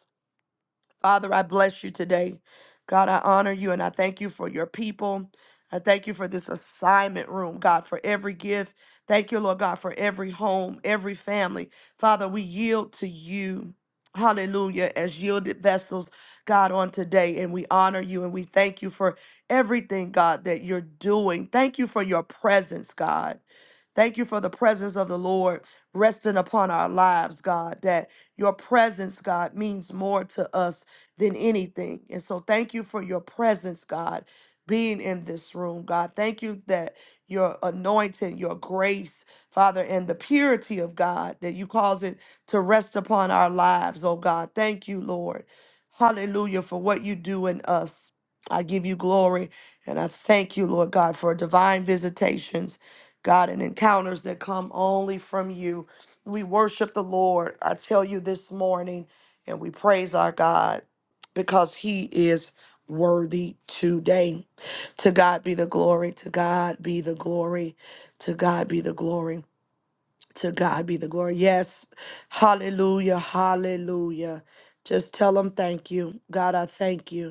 A: Father, I bless you today. God, I honor you and I thank you for your people. I thank you for this assignment room, God, for every gift. Thank you, Lord God, for every home, every family. Father, we yield to you. Hallelujah, as yielded vessels, God, on today. And we honor you and we thank you for everything, God, that you're doing. Thank you for your presence, God. Thank you for the presence of the Lord resting upon our lives, God, that your presence, God, means more to us than anything. And so thank you for your presence, God, being in this room, God. Thank you that your anointing, your grace, Father, and the purity of God, that you cause it to rest upon our lives, oh God. Thank you, Lord. Hallelujah for what you do in us. I give you glory and I thank you, Lord God, for divine visitations God, and encounters that come only from you. We worship the Lord, I tell you this morning, and we praise our God because he is worthy today. To God be the glory, to God be the glory, to God be the glory, to God be the glory. Yes, hallelujah, hallelujah. Just tell him thank you. God, I thank you.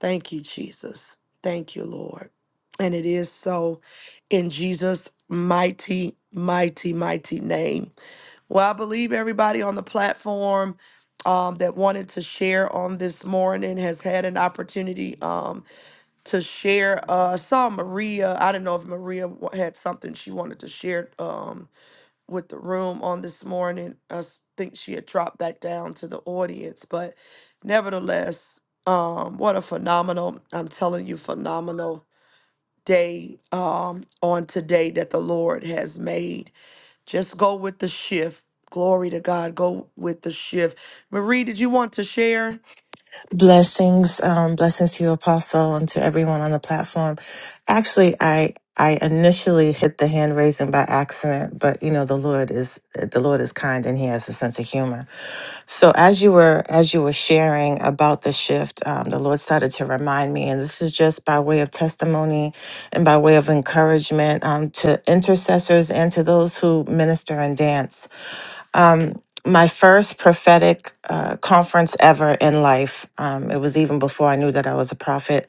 A: Thank you, Jesus. Thank you, Lord. And it is so in Jesus' mighty, mighty, mighty name. Well, I believe everybody on the platform um, that wanted to share on this morning has had an opportunity um, to share. Uh, I saw Maria. I don't know if Maria wa- had something she wanted to share. Um, with the room on this morning. I s- think she had dropped back down to the audience, but nevertheless, um, what a phenomenal, I'm telling you, phenomenal day um, on today that the Lord has made. Just go with the shift. Glory to God. Go with the shift. Marie, did you want to share?
M: Blessings, um, blessings to you, Apostle, and to everyone on the platform. Actually, I I initially hit the hand raising by accident, but you know the Lord is the Lord is kind and He has a sense of humor. So as you were as you were sharing about the shift, um, the Lord started to remind me, and this is just by way of testimony and by way of encouragement um, to intercessors and to those who minister and dance. Um, my first prophetic uh, conference ever in life. Um, it was even before I knew that I was a prophet.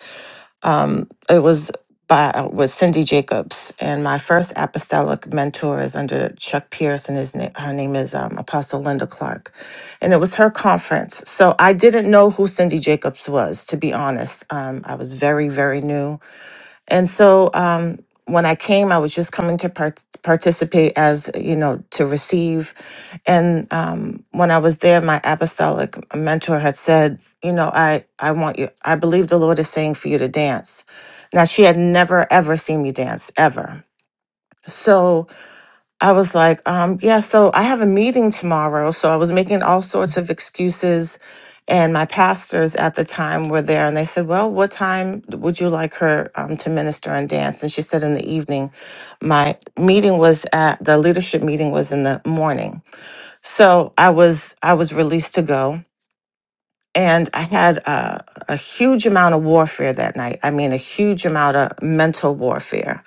M: Um, it was by was Cindy Jacobs, and my first apostolic mentor is under Chuck Pierce, and his name her name is um, Apostle Linda Clark, and it was her conference. So I didn't know who Cindy Jacobs was, to be honest. Um, I was very very new and so um, when I came, I was just coming to part- participate as, you know, to receive. And um, when I was there, my apostolic mentor had said, you know, I, I want you, I believe the Lord is saying for you to dance. Now, she had never, ever seen me dance, ever. So, I was like, um, yeah, so I have a meeting tomorrow. So I was making all sorts of excuses. And my pastors at the time were there and they said, well, what time would you like her um, to minister and dance? And she said, in the evening. My meeting was at the leadership meeting was in the morning. So I was, I was released to go and I had a, a huge amount of warfare that night. I mean, a huge amount of mental warfare,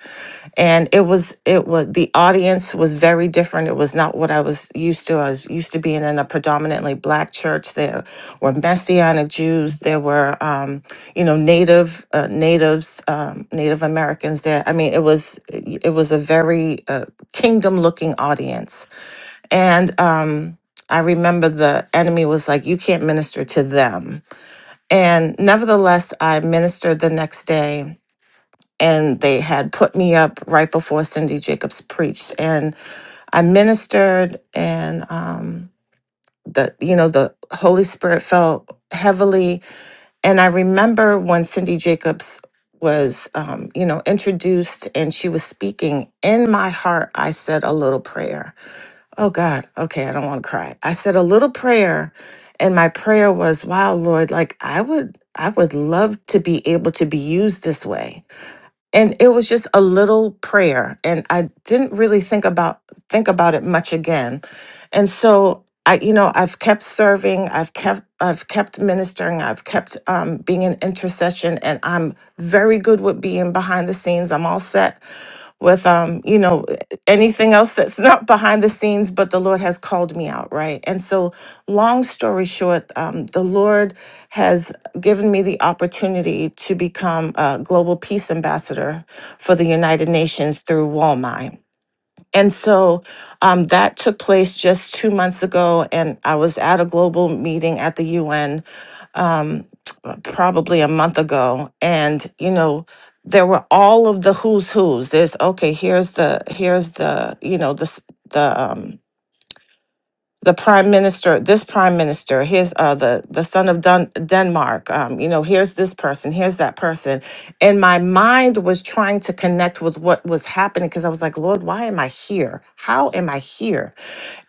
M: and it was it was the audience was very different. It was not what I was used to. I was used to being in a predominantly black church. There were Messianic Jews. There were um, you know Native uh, natives, um, Native Americans. There. I mean, it was it was a very uh, kingdom looking audience and um, I remember the enemy was like, You can't minister to them. And nevertheless, I ministered the next day. And they had put me up right before Cindy Jacobs preached. And I ministered, and um, the you know the Holy Spirit fell heavily. And I remember when Cindy Jacobs was um, you know introduced and she was speaking in my heart, I said a little prayer Oh God, okay, I don't want to cry. I said a little prayer and my prayer was, wow, Lord, like I would I would love to be able to be used this way. And it was just a little prayer and I didn't really think about think about it much again. And so I you know, I've kept serving, I've kept I've kept ministering, I've kept um being in intercession and I'm very good with being behind the scenes. I'm all set with um you know anything else that's not behind the scenes but the lord has called me out right and so long story short um, the lord has given me the opportunity to become a global peace ambassador for the united nations through walmart and so um, that took place just two months ago, and I was at a global meeting at the UN um, probably a month ago, and you know there were all of the who's who's. There's okay, here's the here's the you know this the s- the, um, the prime minister, this prime minister, here's uh, the the son of Dun- Denmark. Um, you know, here's this person, here's that person, and my mind was trying to connect with what was happening because I was like, Lord, why am I here? How am I here?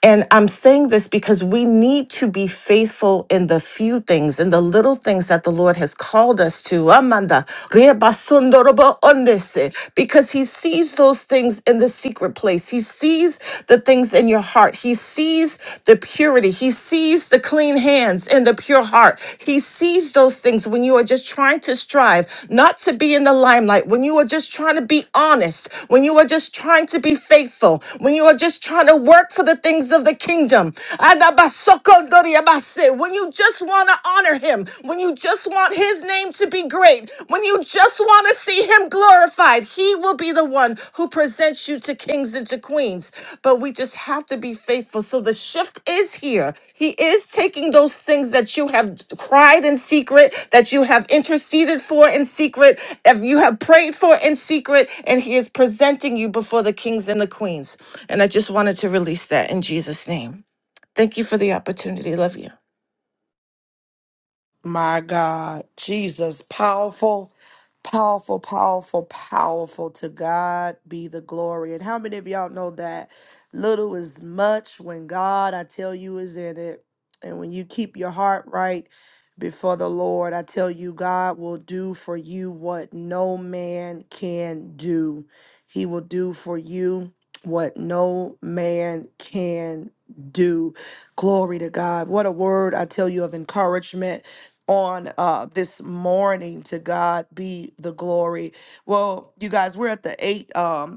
M: And I'm saying this because we need to be faithful in the few things, in the little things that the Lord has called us to. Amanda, Rebasundorobo Ondese, because He sees sees those things in the secret place. He sees the things in your heart. He sees the purity. He sees the clean hands and the pure heart. He sees those things when you are just trying to strive not to be in the limelight, when you are just trying to be honest, when you are just trying to be faithful, when you are just trying to work for the things of the kingdom. Adabasokondoriabase. When you just want to honor him, when you just want want his name to be great, when you just want to see him glorified, he will be the one who presents you to kings and to queens. But we just have to be faithful. So the shift is here. He is taking those things that you have cried in secret, that you have interceded for in secret, if you have prayed for in secret, and he is presenting you before the kings and the queens. And I just wanted to release that in Jesus' name. Thank you for the opportunity. Love you.
A: My God, Jesus, powerful, powerful, powerful, powerful. To God be the glory. And how many of y'all know that little is much when God, I tell you, is in it? And when you keep your heart right before the Lord, I tell you, God will do for you what no man can do. He will do for you what no man can do. Glory to God. What a word, I tell you, of encouragement on uh this morning to God be the glory. Well, you guys, we're at the eight. Um,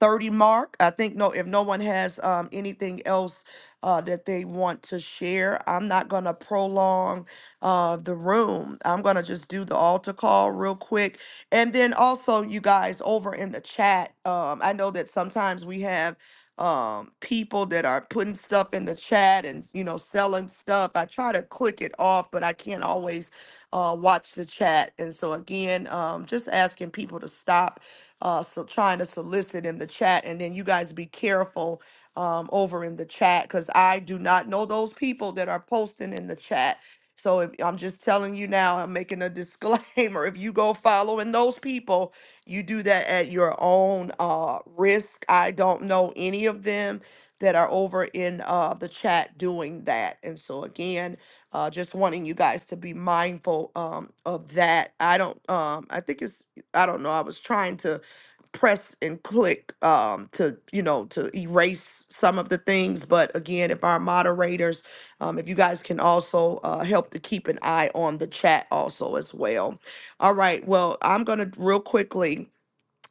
A: thirty mark. I think no, if no one has um, anything else uh, that they want to share, I'm not gonna prolong uh, the room. I'm gonna just do the altar call real quick, and then also you guys over in the chat. Um, I know that sometimes we have um people that are putting stuff in the chat and you know selling stuff i try to click it off but i can't always uh watch the chat and so again um just asking people to stop uh, so trying to solicit in the chat. And then you guys be careful um, over in the chat because I do not know those people that are posting in the chat. So if, I'm just telling you now, I'm making a disclaimer. If you go following those people, you do that at your own uh, risk. I don't know any of them that are over in uh, the chat doing that. And so again, uh, just wanting you guys to be mindful um, of that. I don't. Um, I think it's. I don't know. I was trying to press and click um, to you know to erase some of the things but again if our moderators um, if you guys can also uh, help to keep an eye on the chat also as well all right well i'm gonna real quickly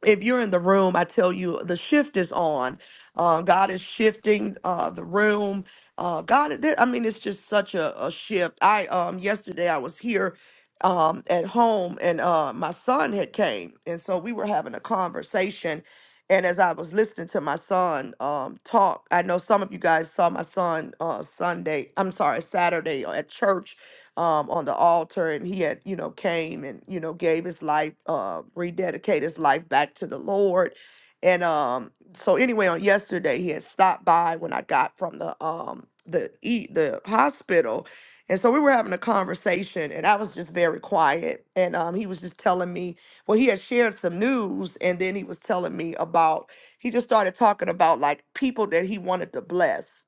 A: if you're in the room, I tell you the shift is on. Uh, God is shifting uh, the room. Uh, God, there- I mean, it's just such a, a shift. I um yesterday I was here um at home and uh my son had came and so we were having a conversation and as I was listening to my son um talk, I know some of you guys saw my son uh Sunday, I'm sorry, Saturday uh, at church um, on the altar and he had, you know, came and, you know, gave his life, uh, rededicated his life back to the Lord. And um, so anyway, on yesterday he had stopped by when I got from the um the e the hospital. And so we were having a conversation and I was just very quiet. And um he was just telling me, well, he had shared some news and then he was telling me about he just started talking about like people that he wanted to bless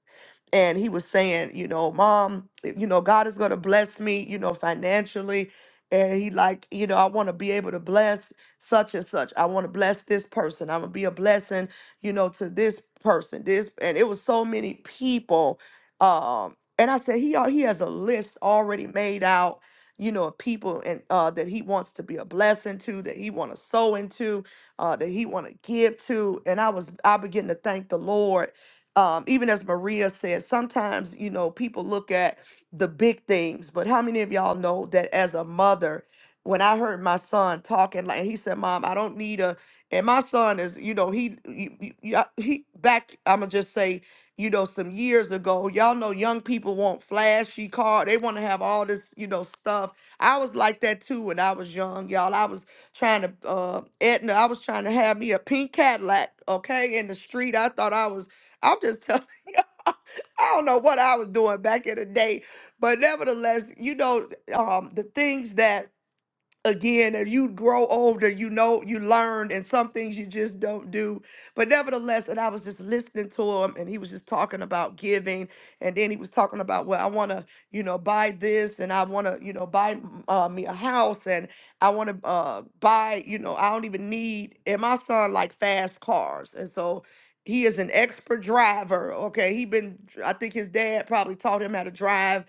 A: and he was saying, you know, mom, you know, God is going to bless me, you know, financially. And he like, you know, I want to be able to bless such and such. I want to bless this person. I'm gonna be a blessing, you know, to this person. This and it was so many people. Um, and I said he al- he has a list already made out, you know, of people and uh, that he wants to be a blessing to, that he want to sow into, uh, that he want to give to. And I was I began to thank the Lord um, even as Maria said, sometimes, you know, people look at the big things, but how many of y'all know that as a mother, when I heard my son talking, like he said, Mom, I don't need a, and my son is, you know, he, he, he back, I'm going to just say, you know, some years ago, y'all know young people want flashy car. They want to have all this, you know, stuff. I was like that too when I was young, y'all. I was trying to, uh, Edna, I was trying to have me a pink Cadillac, okay, in the street. I thought I was I'm just telling you, I don't know what I was doing back in the day, but nevertheless, you know, um, the things that again if you grow older you know you learn and some things you just don't do but nevertheless and i was just listening to him and he was just talking about giving and then he was talking about well i want to you know buy this and i want to you know buy uh, me a house and i want to uh, buy you know i don't even need and my son like fast cars and so he is an expert driver okay he been i think his dad probably taught him how to drive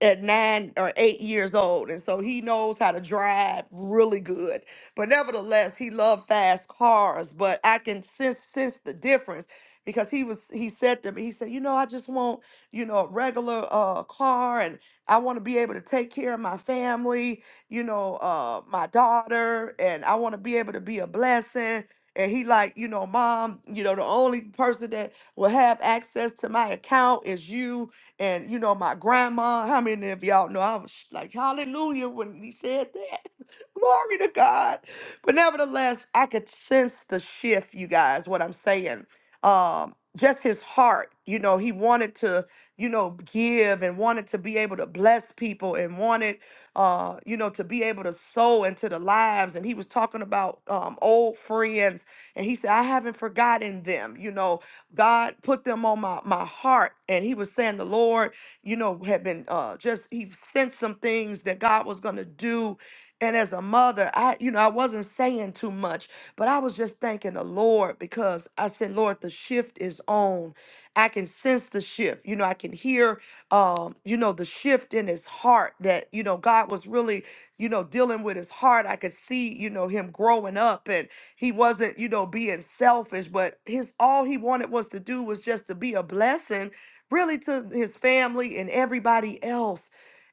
A: at nine or eight years old, and so he knows how to drive really good. But nevertheless, he loved fast cars. But I can sense sense the difference because he was he said to me, he said, you know, I just want you know a regular uh car, and I want to be able to take care of my family, you know, uh my daughter, and I want to be able to be a blessing. And he like, you know, mom, you know, the only person that will have access to my account is you and you know, my grandma, how many of y'all know I was like, hallelujah when he said that. Glory to God. But nevertheless, I could sense the shift, you guys, what I'm saying. Um, just his heart, you know, he wanted to, you know, give and wanted to be able to bless people and wanted uh, you know, to be able to sow into the lives. And he was talking about um old friends, and he said, I haven't forgotten them, you know God put them on my, my heart. And he was saying the Lord, you know, had been uh, just, he sent some things that God was going to do. And as a mother, I, you know, I wasn't saying too much, but I was just thanking the Lord because I said, Lord, the shift is on. I can sense the shift. You know, I can hear, um, you know, the shift in his heart that, you know, God was really, you know, dealing with his heart. I could see, you know, him growing up. And he wasn't, you know, being selfish, but his all he wanted was to do was just to be a blessing, really, to his family and everybody else.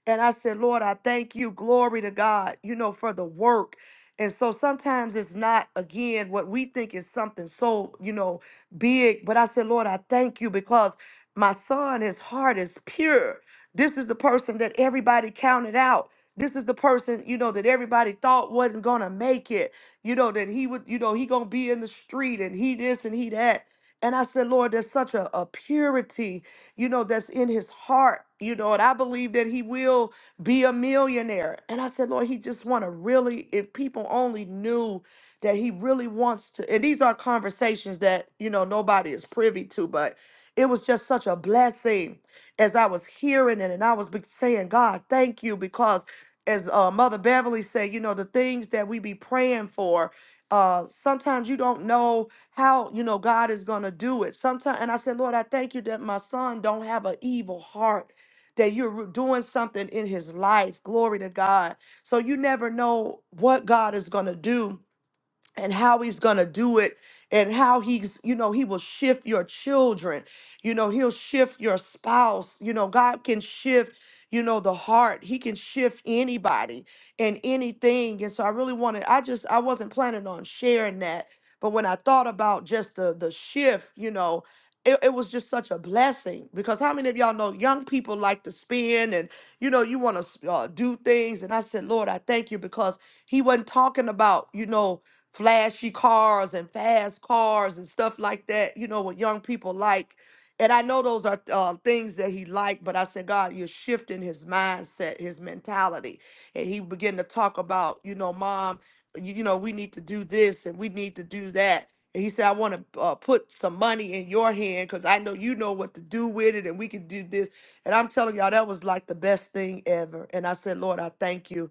A: And I said, Lord, I thank you. Glory to God, you know, for the work. And so sometimes it's not, again, what we think is something so, you know, big. But I said, Lord, I thank you because my son, his heart is pure. This is the person that everybody counted out. This is the person, you know, that everybody thought wasn't going to make it you know, that he would, you know, he gonna be in the street and he this and he that. And I said, Lord, there's such a, a purity, you know, that's in his heart, you know, and I believe that he will be a millionaire. And I said, Lord, he just wanna really, if people only knew that he really wants to, and these are conversations that, you know, nobody is privy to, but it was just such a blessing as I was hearing it. And I was be- saying, God, thank you, because as uh, Mother Beverly said, you know, the things that we be praying for. Uh, sometimes you don't know how you know God is gonna do it. Sometimes, and I said, Lord, I thank you that my son don't have an evil heart. That you're re- doing something in his life. Glory to God. So you never know what God is gonna do and how he's going to do it and how he's you know he will shift your children you know he'll shift your spouse you know god can shift you know the heart he can shift anybody and anything and so i really wanted i just i wasn't planning on sharing that but when i thought about just the the shift you know it, it was just such a blessing because how many of y'all know young people like to spin and you know you want to uh, do things and i said lord i thank you because he wasn't talking about you know flashy cars and fast cars and stuff like that, you know, what young people like. And I know those are uh, things that he liked, but I said, God, you're shifting his mindset, his mentality. And he began to talk about, you know, mom, you, you know, we need to do this and we need to do that. And he said, I want to uh, put some money in your hand because I know you know what to do with it and we can do this. And I'm telling y'all, that was like the best thing ever. And I said, Lord, I thank you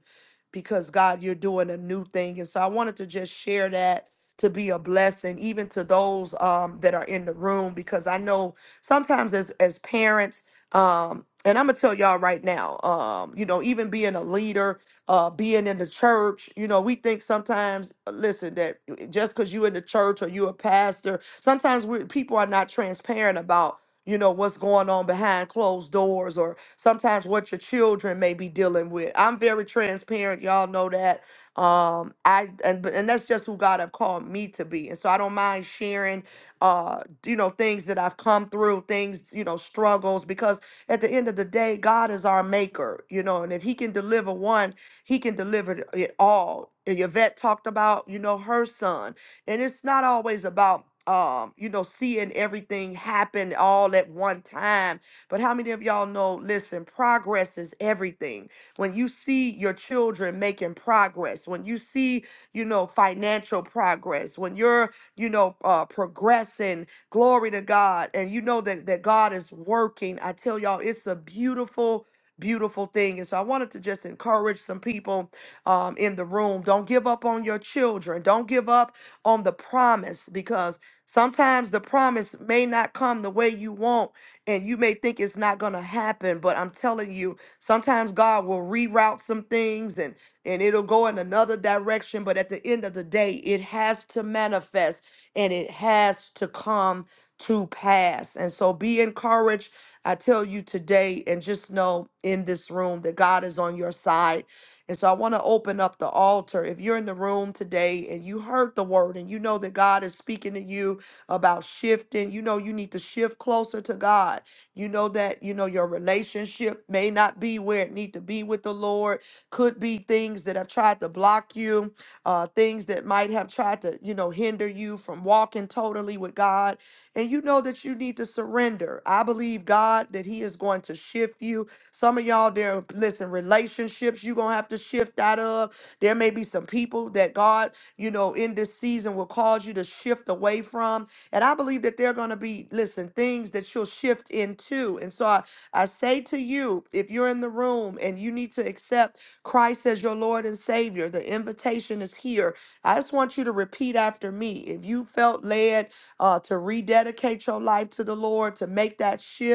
A: because God, you're doing a new thing. And so I wanted to just share that to be a blessing, even to those um, that are in the room, because I know sometimes as as parents, um, and I'm gonna tell y'all right now, um, you know, even being a leader, uh, being in the church, you know, we think sometimes, uh, listen, that uh, just because you in the church or you a pastor, sometimes we people are not transparent about you know what's going on behind closed doors or sometimes what your children may be dealing with i'm very transparent y'all know that um i and, but- and that's just who god have called me to be and so i don't mind sharing uh you know things that i've come through things you know struggles because at the end of the day god is our maker you know and if he can deliver one he can deliver it all And yvette talked about you know her son and it's not always about um, you know, seeing everything happen all at one time. But how many of y'all know, listen, progress is everything. When you see your children making progress, when you see, you know, financial progress, when you're, you know, uh progressing, glory to God, and you know that that God is working. I tell y'all, it's a beautiful beautiful thing and so i wanted to just encourage some people um, in the room don't give up on your children don't give up on the promise because sometimes the promise may not come the way you want and you may think it's not going to happen but i'm telling you sometimes god will reroute some things and and it'll go in another direction but at the end of the day it has to manifest and it has to come to pass and so be encouraged i tell you today and just know in this room that god is on your side and so I want to open up the altar. If you're in the room today and you heard the word and you know that God is speaking to you about shifting, you know you need to shift closer to God. You know that, you know, your relationship may not be where it need to be with the Lord. Could be things that have tried to block you, uh, things that might have tried to, you know, hinder you from walking totally with God and you know that you need to surrender. I believe God that He is going to shift you. Some of y'all there, listen, relationships you're going to have to shift out of. There may be some people that God, you know, in this season will cause you to shift away from. And I believe that they're going to be, listen, things that you'll shift into. And so I, I say to you, if you're in the room and you need to accept Christ as your Lord and Savior, the invitation is here. I just want you to repeat after me. If you felt led uh, to rededicate your life to the Lord, to make that shift,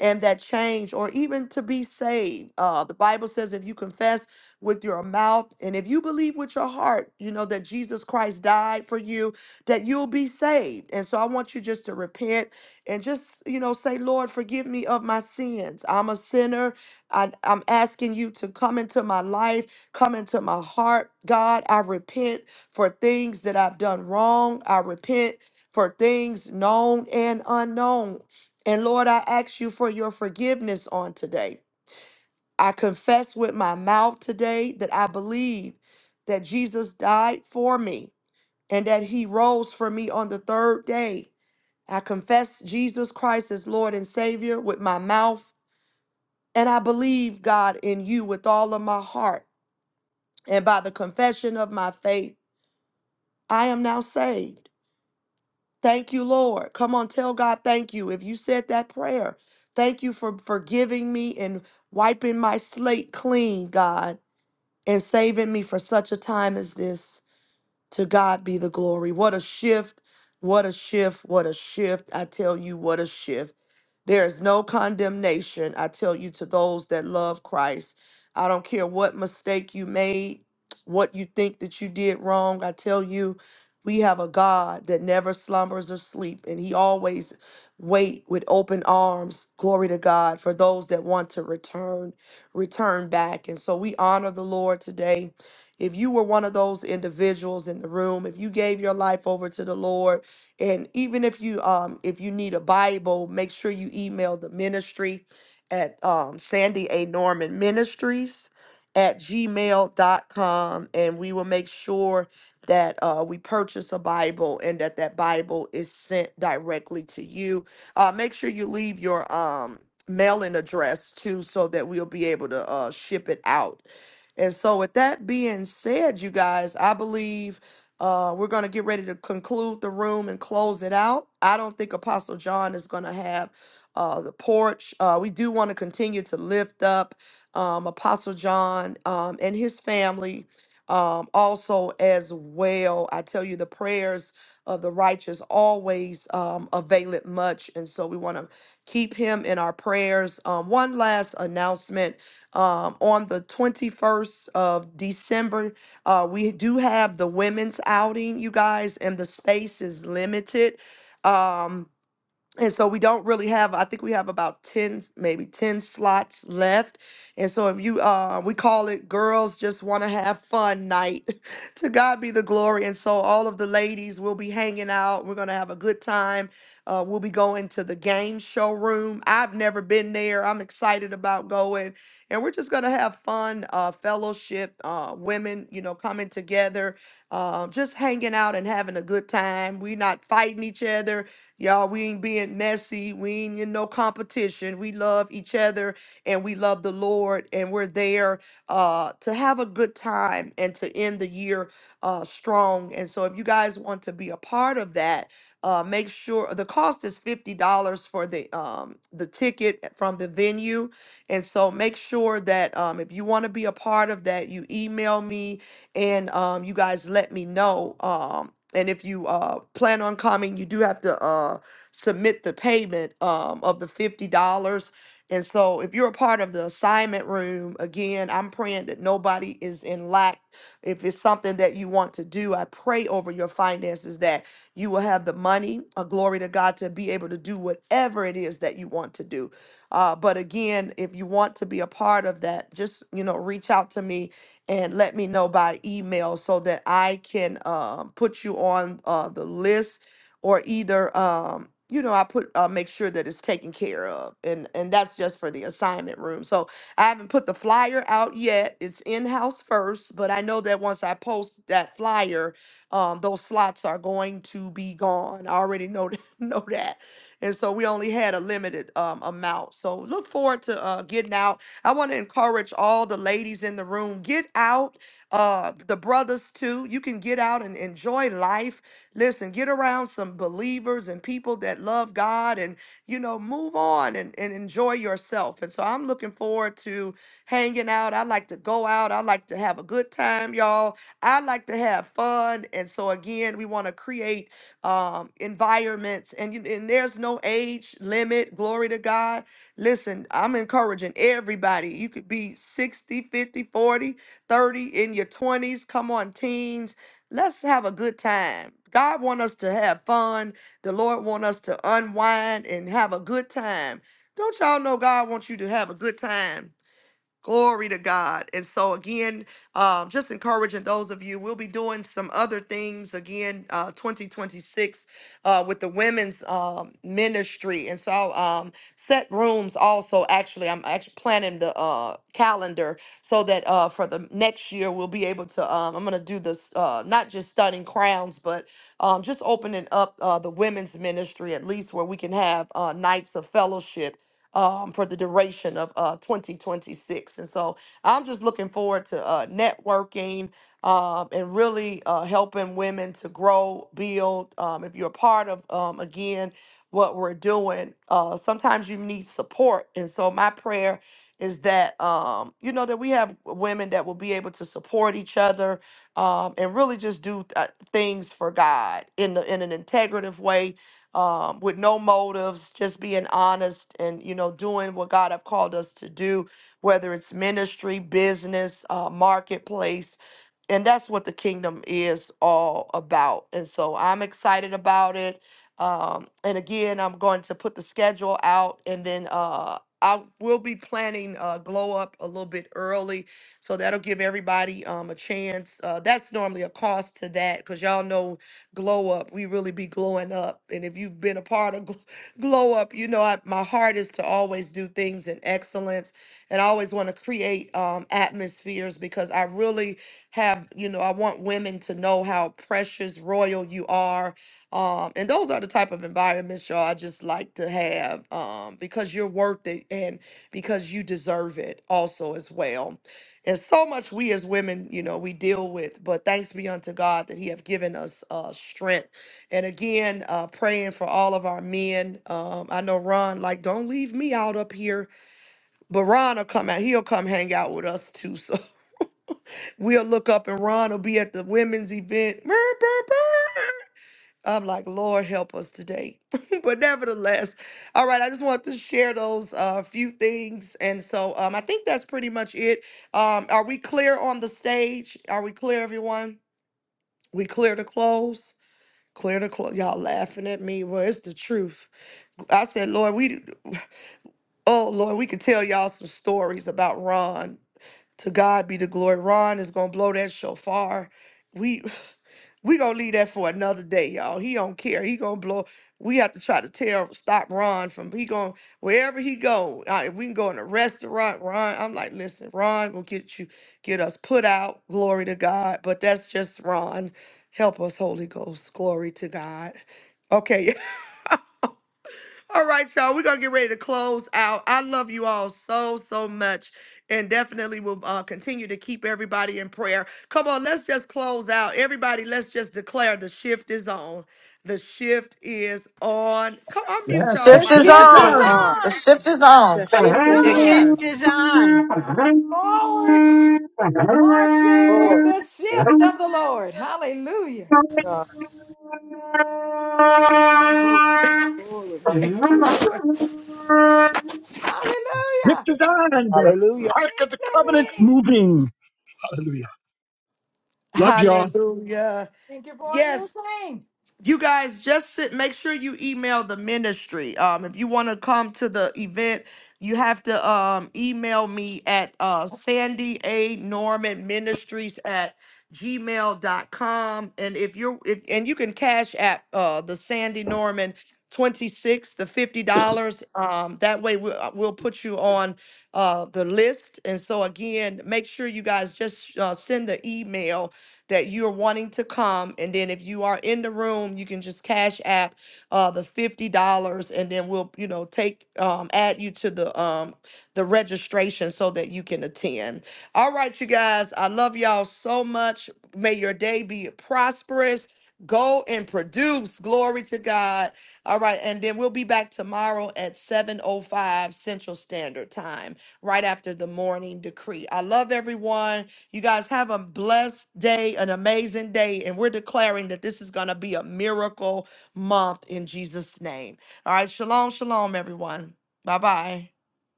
A: and that change or even to be saved. Uh, the Bible says if you confess with your mouth and if you believe with your heart, you know, that Jesus Christ died for you, that you'll be saved. And so I want you just to repent and just, you know, say, Lord, forgive me of my sins. I'm a sinner. I, I'm asking you to come into my life, come into my heart. God, I repent for things that I've done wrong. I repent for things known and unknown. And Lord, I ask you for your forgiveness on today. I confess with my mouth today that I believe that Jesus died for me and that he rose for me on the third day. I confess Jesus Christ as Lord and Savior with my mouth. And I believe, God, in you with all of my heart. And by the confession of my faith, I am now saved. Thank you, Lord. Come on, tell God thank you. If you said that prayer, thank you for forgiving me and wiping my slate clean, God, and saving me for such a time as this. To God be the glory. What a shift. What a shift. What a shift. I tell you, what a shift. There is no condemnation, I tell you, to those that love Christ. I don't care what mistake you made, what you think that you did wrong. I tell you, we have a God that never slumbers or sleep, and He always wait with open arms. Glory to God for those that want to return, return back. And so we honor the Lord today. If you were one of those individuals in the room, if you gave your life over to the Lord, and even if you um if you need a Bible, make sure you email the ministry at um, Sandy A. Norman Ministries at gmail dot com, and we will make sure that uh, we purchase a Bible and that that Bible is sent directly to you. Uh, make sure you leave your um, mailing address too so that we'll be able to uh, ship it out. And so, with that being said, you guys, I believe uh, we're going to get ready to conclude the room and close it out. I don't think Apostle John is going to have uh, the porch. Uh, we do want to continue to lift up um, Apostle John um, and his family um, also as well. I tell you, the prayers of the righteous always um, avail it much. And so we want to keep him in our prayers. Um, one last announcement um, on the 21st of December. Uh, we do have the women's outing, you guys, and the space is limited. Um, and so we don't really have i think we have about 10 maybe 10 slots left and so if you uh we call it girls just want to have fun night to god be the glory and so all of the ladies will be hanging out we're gonna have a good time uh, we'll be going to the game showroom i've never been there i'm excited about going and we're just gonna have fun uh, fellowship uh, women you know coming together uh, just hanging out and having a good time we're not fighting each other Y'all, we ain't being messy. We ain't in no competition. We love each other and we love the Lord. And we're there uh, to have a good time and to end the year uh, strong. And so, if you guys want to be a part of that, uh, make sure the cost is fifty dollars for the um, the ticket from the venue, and so make sure that um, if you want to be a part of that, you email me and um, you guys let me know. Um, and if you uh plan on coming you do have to uh submit the payment um of the fifty dollars and so if you're a part of the assignment room again i'm praying that nobody is in lack if it's something that you want to do i pray over your finances that you will have the money a glory to god to be able to do whatever it is that you want to do uh, but again if you want to be a part of that just you know reach out to me and let me know by email so that I can um, put you on uh, the list or either um, you know I put uh, make sure that it's taken care of and and that's just for the assignment room. So I haven't put the flyer out yet. It's in house first, but I know that once I post that flyer, um, those slots are going to be gone. I already know know that, and so we only had a limited um, amount. So look forward to uh, getting out I want to encourage all the ladies in the room get out, uh, the brothers too. You can get out and enjoy life. Listen, get around some believers and people that love God and, you know, move on and, and enjoy yourself. And so I'm looking forward to hanging out. I like to go out. I like to have a good time, y'all. I like to have fun. And so, again, we want to create um, environments, and, you- and there's no age limit. Glory to God. Listen, I'm encouraging everybody. You could be 60, 50, 40, 30 in your 20s. Come on, teens. Let's have a good time. God want us to have fun. The Lord want us to unwind and have a good time. Don't y'all know God wants you to have a good time? Glory to God. And so, again, um, just encouraging those of you, we'll be doing some other things again, uh, 2026 uh, with the women's um, ministry. And so, I'll um, set rooms also. Actually, I'm actually planning the uh, calendar so that uh, for the next year, we'll be able to. Um, I'm going to do this, uh, not just stunning crowns, but um, just opening up uh, the women's ministry, at least where we can have uh, nights of fellowship um, for the duration of uh, 2026. And so I'm just looking forward to uh, networking um, and really uh, helping women to grow, build. Um, if you're a part of, um, again, what we're doing, uh, sometimes you need support. And so my prayer is that, um, you know, that we have women that will be able to support each other um, and really just do uh, things for God in, the, in an integrative way um, with no motives, just being honest and, you know, doing what God have called us to do, whether it's ministry, business, uh, marketplace, and that's what the kingdom is all about. And so I'm excited about it. Um, and again, I'm going to put the schedule out, and then uh, I will be planning uh, glow up a little bit early, so that'll give everybody um, a chance. Uh, that's normally a cost to that, because y'all know glow up. We really be glowing up. And if you've been a part of gl- glow up, you know I, my heart is to always do things in excellence, and I always want to create um, atmospheres because I really have, you know, I want women to know how precious, royal you are. Um, and those are the type of environments, y'all, I just like to have um, because you're worth it and because you deserve it also as well and so much we as women you know we deal with but thanks be unto god that he have given us uh strength and again uh praying for all of our men um i know ron like don't leave me out up here but ron will come out he'll come hang out with us too so we'll look up and ron will be at the women's event I'm like, Lord, help us today. but nevertheless, all right, I just want to share those uh, few things. And so um, I think that's pretty much it. Um, are we clear on the stage? Are we clear, everyone? We clear to close? Clear to close. Y'all laughing at me. Well, it's the truth. I said, Lord, we, oh, Lord, we could tell y'all some stories about Ron. To God be the glory. Ron is going to blow that shofar. We, We gonna leave that for another day, y'all. He don't care. He gonna blow. We have to try to tell stop Ron from he going to wherever he go. uh, If we can go in a restaurant, Ron. I'm like, listen, Ron will get you get us put out. Glory to God. But that's just Ron. Help us, Holy Ghost. Glory to God. Okay, All right, y'all. We're gonna get ready to close out. I love you all so so much, and definitely will uh, continue to keep everybody in prayer. Come on, let's just close out, everybody. Let's just declare the shift is on. The shift is on. Come on,
M: The
A: mute
G: Yes,
A: y'all
G: the
F: The
M: shift is
G: shift
A: mics.
G: is
A: Come
F: shift is
M: on.
A: on.
G: on.
H: Ah,
M: The
F: on.
M: shift is on.
N: the
H: yes,
G: Scriptures
N: shift is
B: The
N: on.
F: Hallelujah.
B: shift is on.
F: Forward marching with
H: Lord.
F: the shift of the Lord. Hallelujah.
H: God.
A: Thank you, Lord.
F: Hallelujah.
G: on and the
H: Hallelujah.
G: Ark of the Covenant's
F: Yay.
G: moving. Hallelujah. Love y'all.
A: Hallelujah.
F: Thank you for a new
A: Yes,
F: thing.
A: you guys just sit, make sure you email the ministry um if you want to come to the event you have to um email me at uh sandy a norman ministries at gmail dot com. and if you're if and you can cash at uh the sandy norman 26 the 50 dollars um that way we'll, uh, we'll put you on uh the list and so again make sure you guys just uh, send the email that you're wanting to come. And then if you are in the room, you can just cash app uh, the fifty dollars, and then we'll you know take um, add you to the um, the registration so that you can attend. All right, you guys, I love y'all so much. May your day be prosperous. Go and produce. Glory to God. All right, and then we'll be back tomorrow at 7:05 Central Standard Time, right after the morning decree. I love everyone. You guys have a blessed day, an amazing day. And we're declaring that this is going to be a miracle month in Jesus' name. All right. Shalom, shalom, everyone. Bye bye.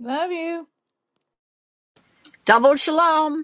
F: Love you.
B: Double shalom.